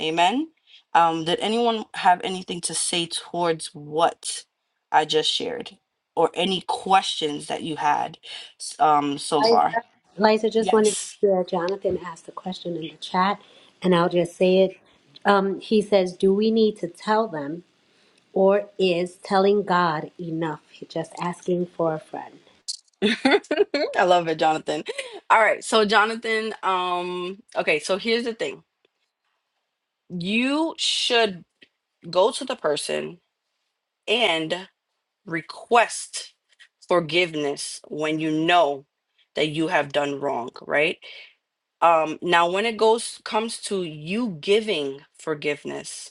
Speaker 7: Amen. Um, did anyone have anything to say towards what I just shared or any questions that you had s- um, so
Speaker 8: Liza,
Speaker 7: far?
Speaker 8: Liza just wanted to
Speaker 7: Yes.
Speaker 8: share. Jonathan asked a question in the chat, and I'll just say it. Um, he says, Do we need to tell them, or is telling God enough? Just asking for a friend.
Speaker 7: I love it, Jonathan. All right. So, Jonathan, um, okay. So, here's the thing you should go to the person and request forgiveness when you know that you have done wrong, right? Um, now, when it goes comes to you giving forgiveness,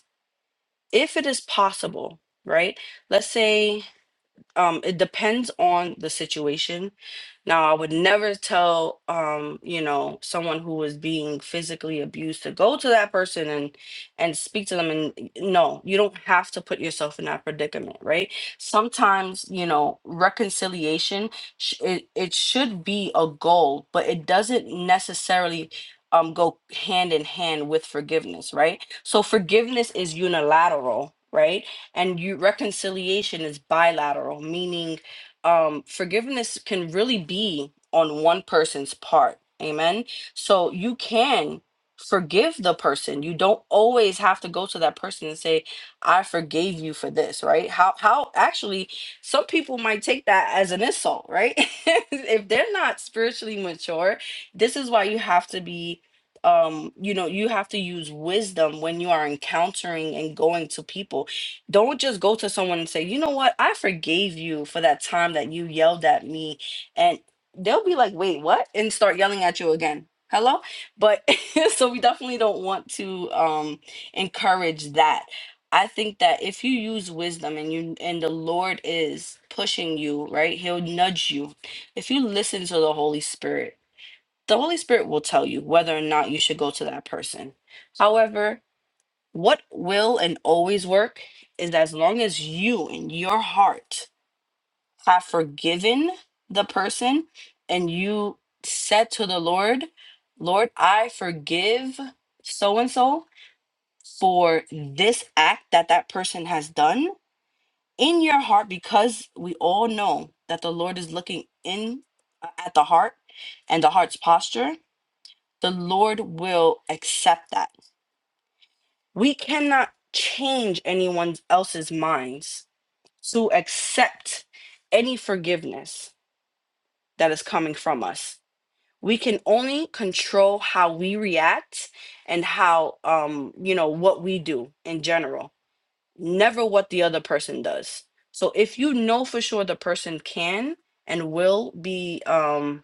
Speaker 7: if it is possible, right? Let's say um it depends on the situation now i would never tell um you know someone who is being physically abused to go to that person and and speak to them and no you don't have to put yourself in that predicament right sometimes you know reconciliation sh- it, it should be a goal but it doesn't necessarily um go hand in hand with forgiveness right so forgiveness is unilateral right and you reconciliation is bilateral meaning um forgiveness can really be on one person's part amen so you can forgive the person you don't always have to go to that person and say i forgave you for this right how how actually some people might take that as an insult right if they're not spiritually mature this is why you have to be um you know you have to use wisdom when you are encountering and going to people don't just go to someone and say, you know what, I forgave you for that time that you yelled at me. And they'll be like, wait, what? And start yelling at you again. Hello? But so we definitely don't want to um, encourage that. I think that if you use wisdom and you and the Lord is pushing you, right? He'll nudge you. If you listen to the Holy Spirit, the Holy Spirit will tell you whether or not you should go to that person. However, what will and always work is that as long as you in your heart have forgiven the person and you said to the Lord, Lord, I forgive so and so for this act that that person has done in your heart because we all know that the Lord is looking in uh, at the heart and the heart's posture. The Lord will accept that we cannot change anyone else's minds to accept any forgiveness that is coming from us we can only control how we react and how um you know what we do in general never what the other person does so if you know for sure the person can and will be um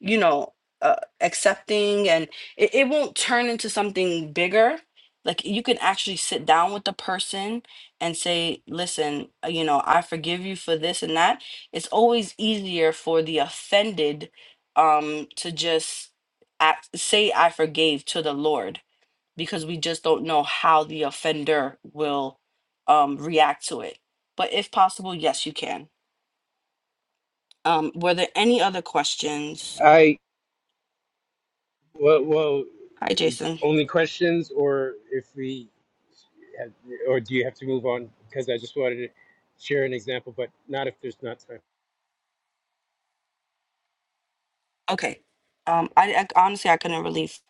Speaker 7: you know uh, accepting and it, it won't turn into something bigger like you can actually sit down with the person and say listen uh, you know i forgive you for this and that it's always easier for the offended um to just act, say i forgave to the lord because we just don't know how the offender will um react to it but if possible yes you can um were there any other questions
Speaker 13: I well, well,
Speaker 7: hi
Speaker 13: it's
Speaker 7: jason
Speaker 13: only questions, or if we, have, or do you have to move on? Because I just wanted to share an example, but not if there's not time.
Speaker 7: Okay. Um, I, I honestly I couldn't really, f-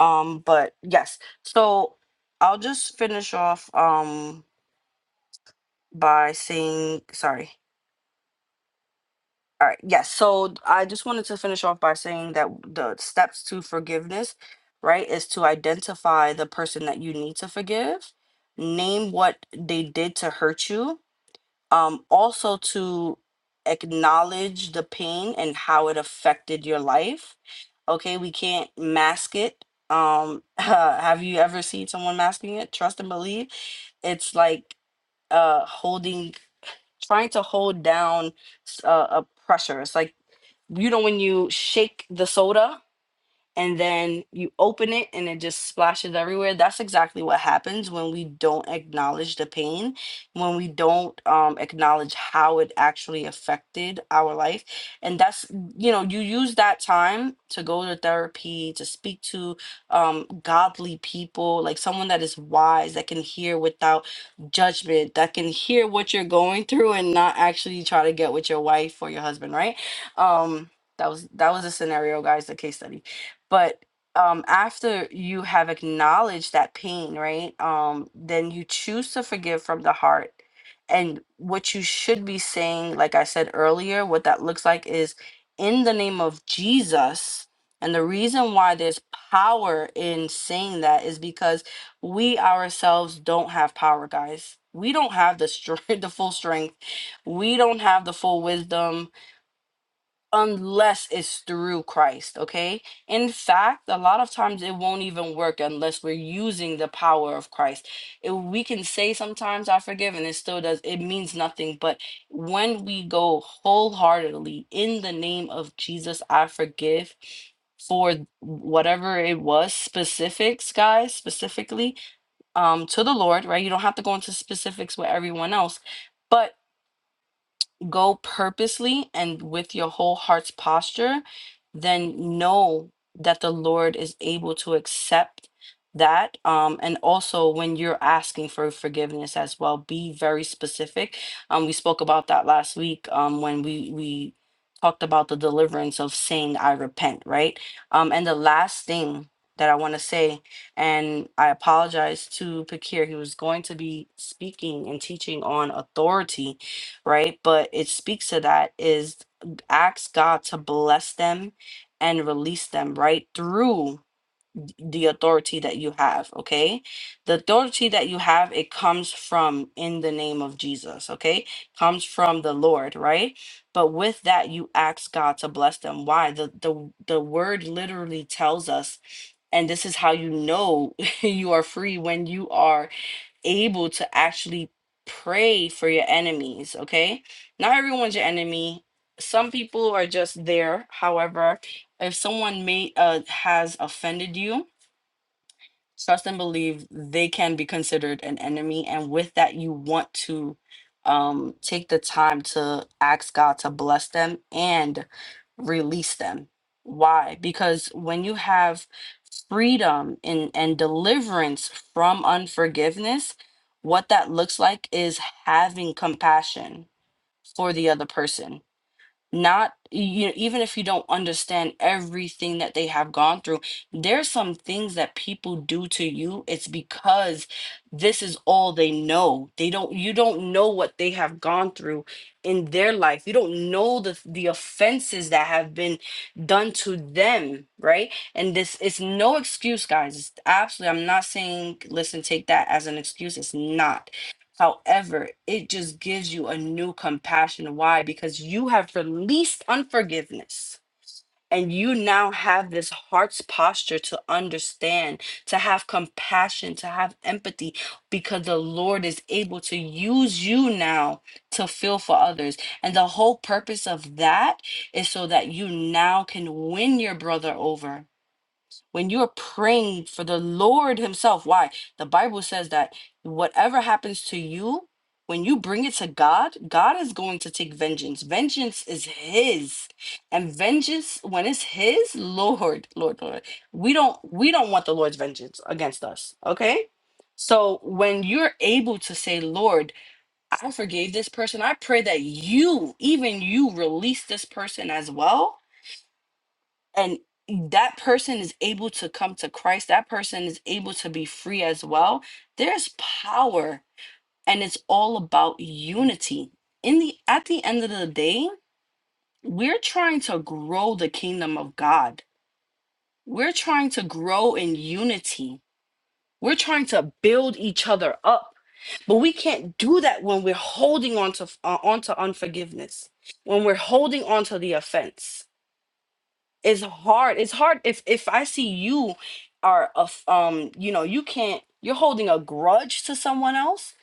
Speaker 7: um, but yes. So I'll just finish off um by saying sorry. All right. Yes. So I just wanted to finish off by saying that the steps to forgiveness, right, is to identify the person that you need to forgive, name what they did to hurt you, um, also to acknowledge the pain and how it affected your life okay we can't mask it um have you ever seen someone masking it trust and believe it's like uh holding trying to hold down s- uh, a pressure it's like you know when you shake the soda and then you open it and it just splashes everywhere. That's exactly what happens when we don't acknowledge the pain, when we don't um, acknowledge how it actually affected our life. And that's, you know, you use that time to go to therapy, to speak to um, godly people, like someone that is wise, that can hear without judgment, that can hear what you're going through and not actually try to get with your wife or your husband, right? Um, that was that was a scenario, guys, the case study but um after you have acknowledged that pain right um then you choose to forgive from the heart and what you should be saying like i said earlier what that looks like is in the name of jesus and the reason why there's power in saying that is because we ourselves don't have power guys we don't have the strength the full strength we don't have the full wisdom unless it's through Christ, okay? In fact, a lot of times it won't even work unless we're using the power of Christ. It, we can say sometimes I forgive and it still does, it means nothing. But when we go wholeheartedly in the name of Jesus, I forgive for whatever it was specifics guys specifically um to the lord right you don't have to go into specifics with everyone else but go purposely and with your whole heart's posture, then know that the Lord is able to accept that. Um, and also, when you're asking for forgiveness as well, be very specific. Um, we spoke about that last week um, when we we talked about the deliverance of saying I repent, right? Um, and the last thing that I want to say, and I apologize to Pakir, he was going to be speaking and teaching on authority right? But it speaks to that is ask God to bless them and release them, right? Through the authority that you have, okay? The authority that you have, it comes from in the name of Jesus, okay? Comes from the Lord, right? But with that, you ask God to bless them. Why? The the the word literally tells us and this is how you know you are free when you are able to actually pray for your enemies, okay? Not everyone's your enemy. Some people are just there. However, if someone may uh, has offended you, trust and believe they can be considered an enemy and with that you want to um take the time to ask god to bless them and release them why because when you have freedom and and deliverance from unforgiveness what that looks like is having compassion for the other person not you know, even if you don't understand everything that they have gone through there's some things that people do to you it's because this is all they know they don't you don't know what they have gone through in their life you don't know the the offenses that have been done to them right and this it's no excuse guys it's absolutely i'm not saying listen take that as an excuse it's not However, it just gives you a new compassion. Why? Because you have released unforgiveness and you now have this heart's posture to understand, to have compassion, to have empathy, because the Lord is able to use you now to feel for others. And the whole purpose of that is so that you now can win your brother over when you're praying for the Lord Himself. Why? The Bible says that whatever happens to you, when you bring it to God, God is going to take vengeance. Vengeance is His. And vengeance, when it's His, Lord, Lord, Lord. We don't we don't want the Lord's vengeance against us. Okay? So when you're able to say, Lord, I forgave this person, I pray that you, even you, release this person as well and that person is able to come to Christ, that person is able to be free as well. There's power and it's all about unity. In the at the end of the day, we're trying to grow the kingdom of God. We're trying to grow in unity. We're trying to build each other up. But we can't do that when we're holding on to uh, onto unforgiveness, when we're holding on to the offense it's hard. It's hard if if I see you are a f- um you know you can't you're holding a grudge to someone else.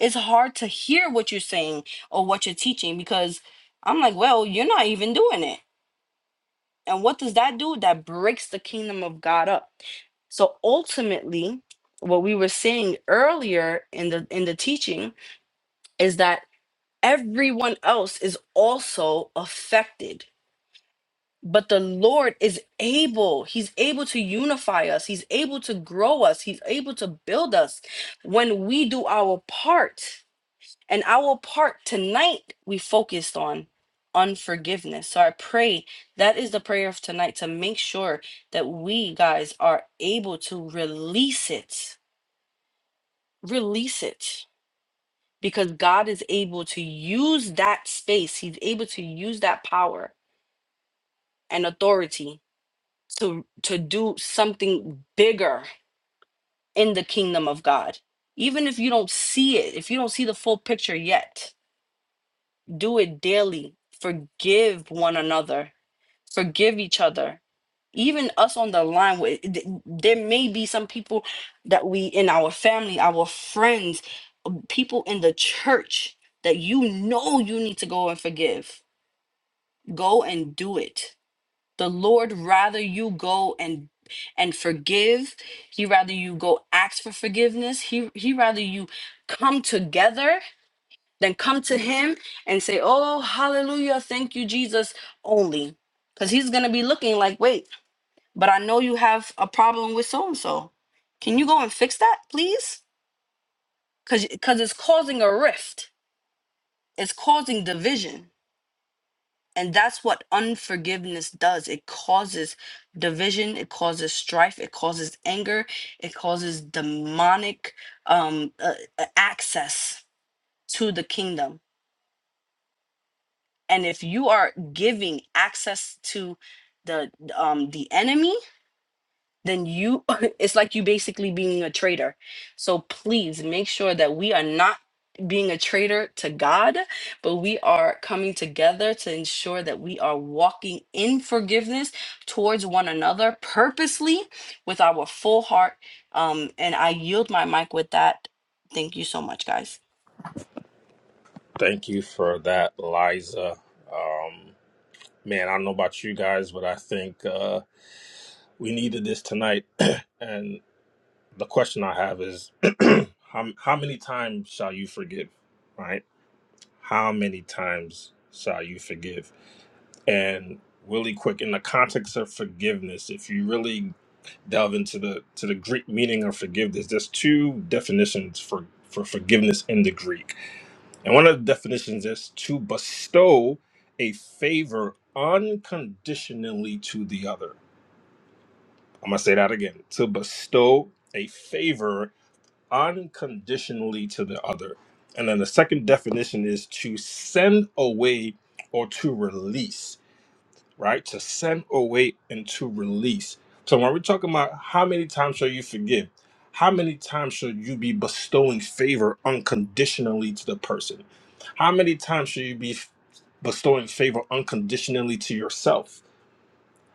Speaker 7: It's hard to hear what you're saying or what you're teaching because I'm like, well, you're not even doing it. And what does that do? That breaks the kingdom of God up. So ultimately, what we were seeing earlier in the in the teaching is that everyone else is also affected But the Lord is able. He's able to unify us. He's able to grow us. He's able to build us when we do our part. And our part tonight, we focused on unforgiveness. So I pray that is the prayer of tonight to make sure that we guys are able to release it. Release it. Because God is able to use that space, He's able to use that power and authority to to do something bigger in the kingdom of God. Even if you don't see it, if you don't see the full picture yet, do it daily. Forgive one another. Forgive each other. Even us on the line with th- there may be some people that we in our family, our friends, people in the church that you know you need to go and forgive. Go and do it the lord rather you go and and forgive he rather you go ask for forgiveness he he rather you come together than come to him and say oh hallelujah thank you jesus only because he's gonna be looking like wait but i know you have a problem with so and so can you go and fix that please because because it's causing a rift it's causing division And that's what unforgiveness does. It causes division, it causes strife, it causes anger, it causes demonic um, uh, uh, access to the kingdom. And if you are giving access to the um, the enemy, then you it's like you basically being a traitor so please make sure that we are not being a traitor to god but we are coming together to ensure that we are walking in forgiveness towards one another purposely with our full heart um and i yield my mic with that thank you so much guys
Speaker 1: Thank you for that, Liza. Um, man, I don't know about you guys, but I think uh, we needed this tonight. and the question I have is, how, how many times shall you forgive? Right? How many times shall you forgive? and really quick in the context of forgiveness if you really delve into the to the greek meaning of forgiveness there's two definitions for for forgiveness in the greek and one of the definitions is to bestow a favor unconditionally to the other i'm going to say that again to bestow a favor unconditionally to the other and then the second definition is to send away or to release right? To send away and to release. So when we're talking about how many times shall you forgive, how many times should you be bestowing favor unconditionally to the person? How many times should you be bestowing favor unconditionally to yourself?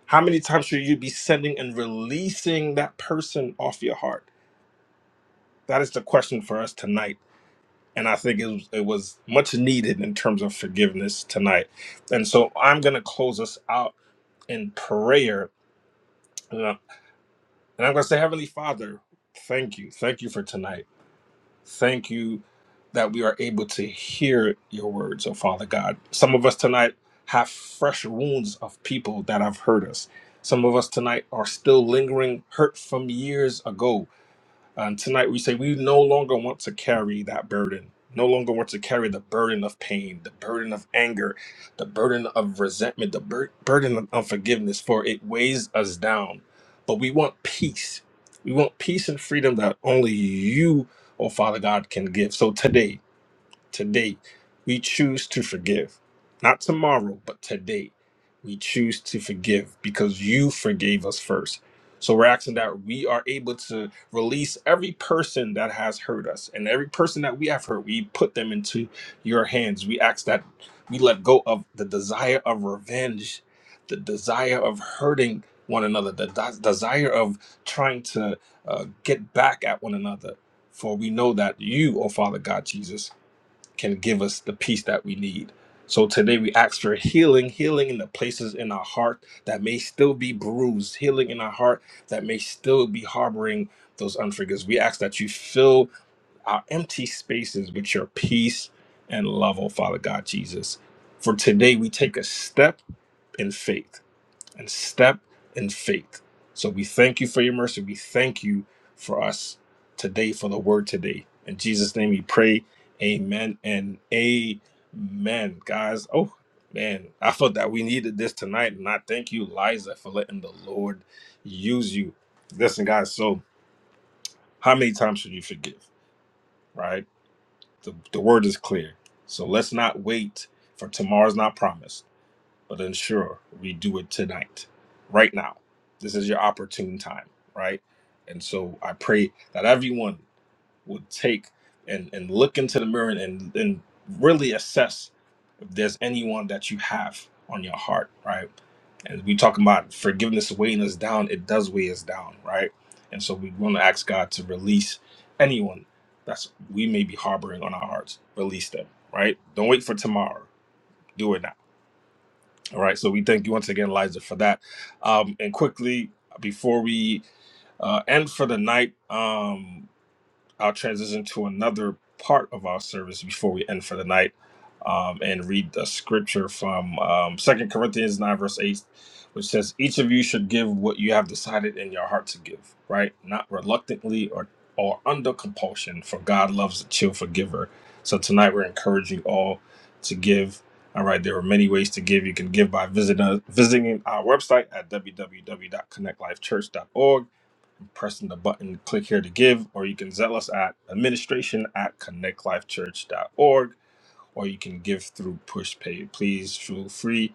Speaker 1: How many times should you be sending and releasing that person off your heart? That is the question for us tonight. And I think it was, it was much needed in terms of forgiveness tonight. And so I'm going to close us out in prayer And I'm going to say, Heavenly Father, thank you. Thank you for tonight. Thank you that we are able to hear your words, oh Father God. Some of us tonight have fresh wounds of people that have hurt us. Some of us tonight are still lingering hurt from years ago. And tonight we say we no longer want to carry that burden, no longer want to carry the burden of pain, the burden of anger, the burden of resentment, the bur- burden of unforgiveness, for it weighs us down. But we want peace. We want peace and freedom that only you, oh Father God, can give. So today, Today, we choose to forgive. Not tomorrow, but today, we choose to forgive because you forgave us first. So we're asking that we are able to release every person that has hurt us and every person that we have hurt. We put them into your hands. We ask that we let go of the desire of revenge, the desire of hurting one another, the des- desire of trying to uh, get back at one another. For we know that you, O Father God Jesus, can give us the peace that we need. So today we ask for healing, healing in the places in our heart that may still be bruised, healing in our heart that may still be harboring those unforgiveness. We ask that you fill our empty spaces with your peace and love, oh Father God Jesus. For today we take a step in faith and step in faith. So we thank you for your mercy. We thank you for us today, for the word today. In Jesus' name we pray. Amen and amen. Guys, oh man, I felt that we needed this tonight. And I thank you, Liza, for letting the Lord use you. Listen, guys, so how many times should you forgive? Right? The, the word is clear. So let's not wait for tomorrow's not promised but ensure we do it tonight, right now. This is your opportune time, right? And so I pray that everyone would take and, and look into the mirror and, and really assess if there's anyone that you have on your heart, right? And we talking about forgiveness weighing us down, it does weigh us down, right? And so we want to ask God to release anyone that's we may be harboring on our hearts. Release them, right? Don't wait for tomorrow. Do it now all right. So we thank you once again, Liza, for that. Um, and quickly, before we uh, end for the night, um, I'll transition to another part of our service before we end for the night um, and read the scripture from um, 2 Corinthians 9, verse 8, which says, Each of you should give what you have decided in your heart to give, right? Not reluctantly or, or under compulsion, for God loves a cheerful giver. So tonight we're encouraging all to give. All right, there are many ways to give. You can give by visiting, visiting our website at w w w dot connect life church dot org pressing the button click here to give or you can zell us at administration at connectlifechurch.org or you can give through pushpay please feel free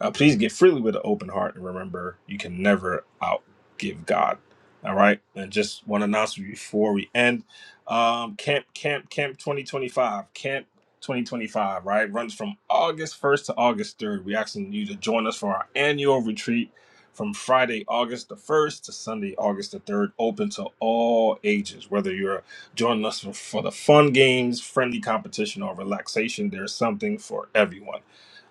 Speaker 1: uh, please give freely with an open heart and remember you can never outgive God. All right. And just one announcement before we end. Um, camp, camp, camp 2025. Camp 2025, right? Runs from August 1st to August 3rd. We're asking you to join us for our annual retreat from Friday, August the 1st to Sunday, August the 3rd, open to all ages. Whether you're joining us for, for the fun games, friendly competition, or relaxation, there's something for everyone.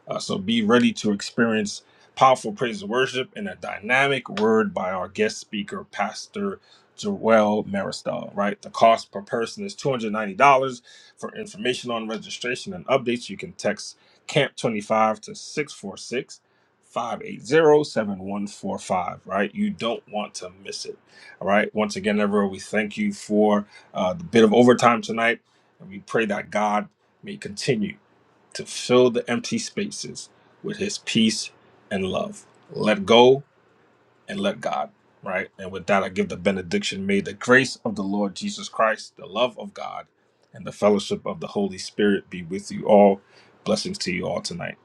Speaker 1: Uh, so be ready to experience powerful praise and worship and a dynamic word by our guest speaker, Pastor Joel Maristel. Right, the cost per person is two hundred ninety dollars. For information on registration and updates, you can text Camp twenty five to six four six five eight zero seven one four five. right you don't want to miss it all right once again everyone we thank you for uh, the bit of overtime tonight and we pray that god may continue to fill the empty spaces with his peace and love. Let go and let God, right? And with that, I give the benediction. May the grace of the Lord Jesus Christ, the love of God, and the fellowship of the Holy Spirit be with you all. Blessings to you all tonight.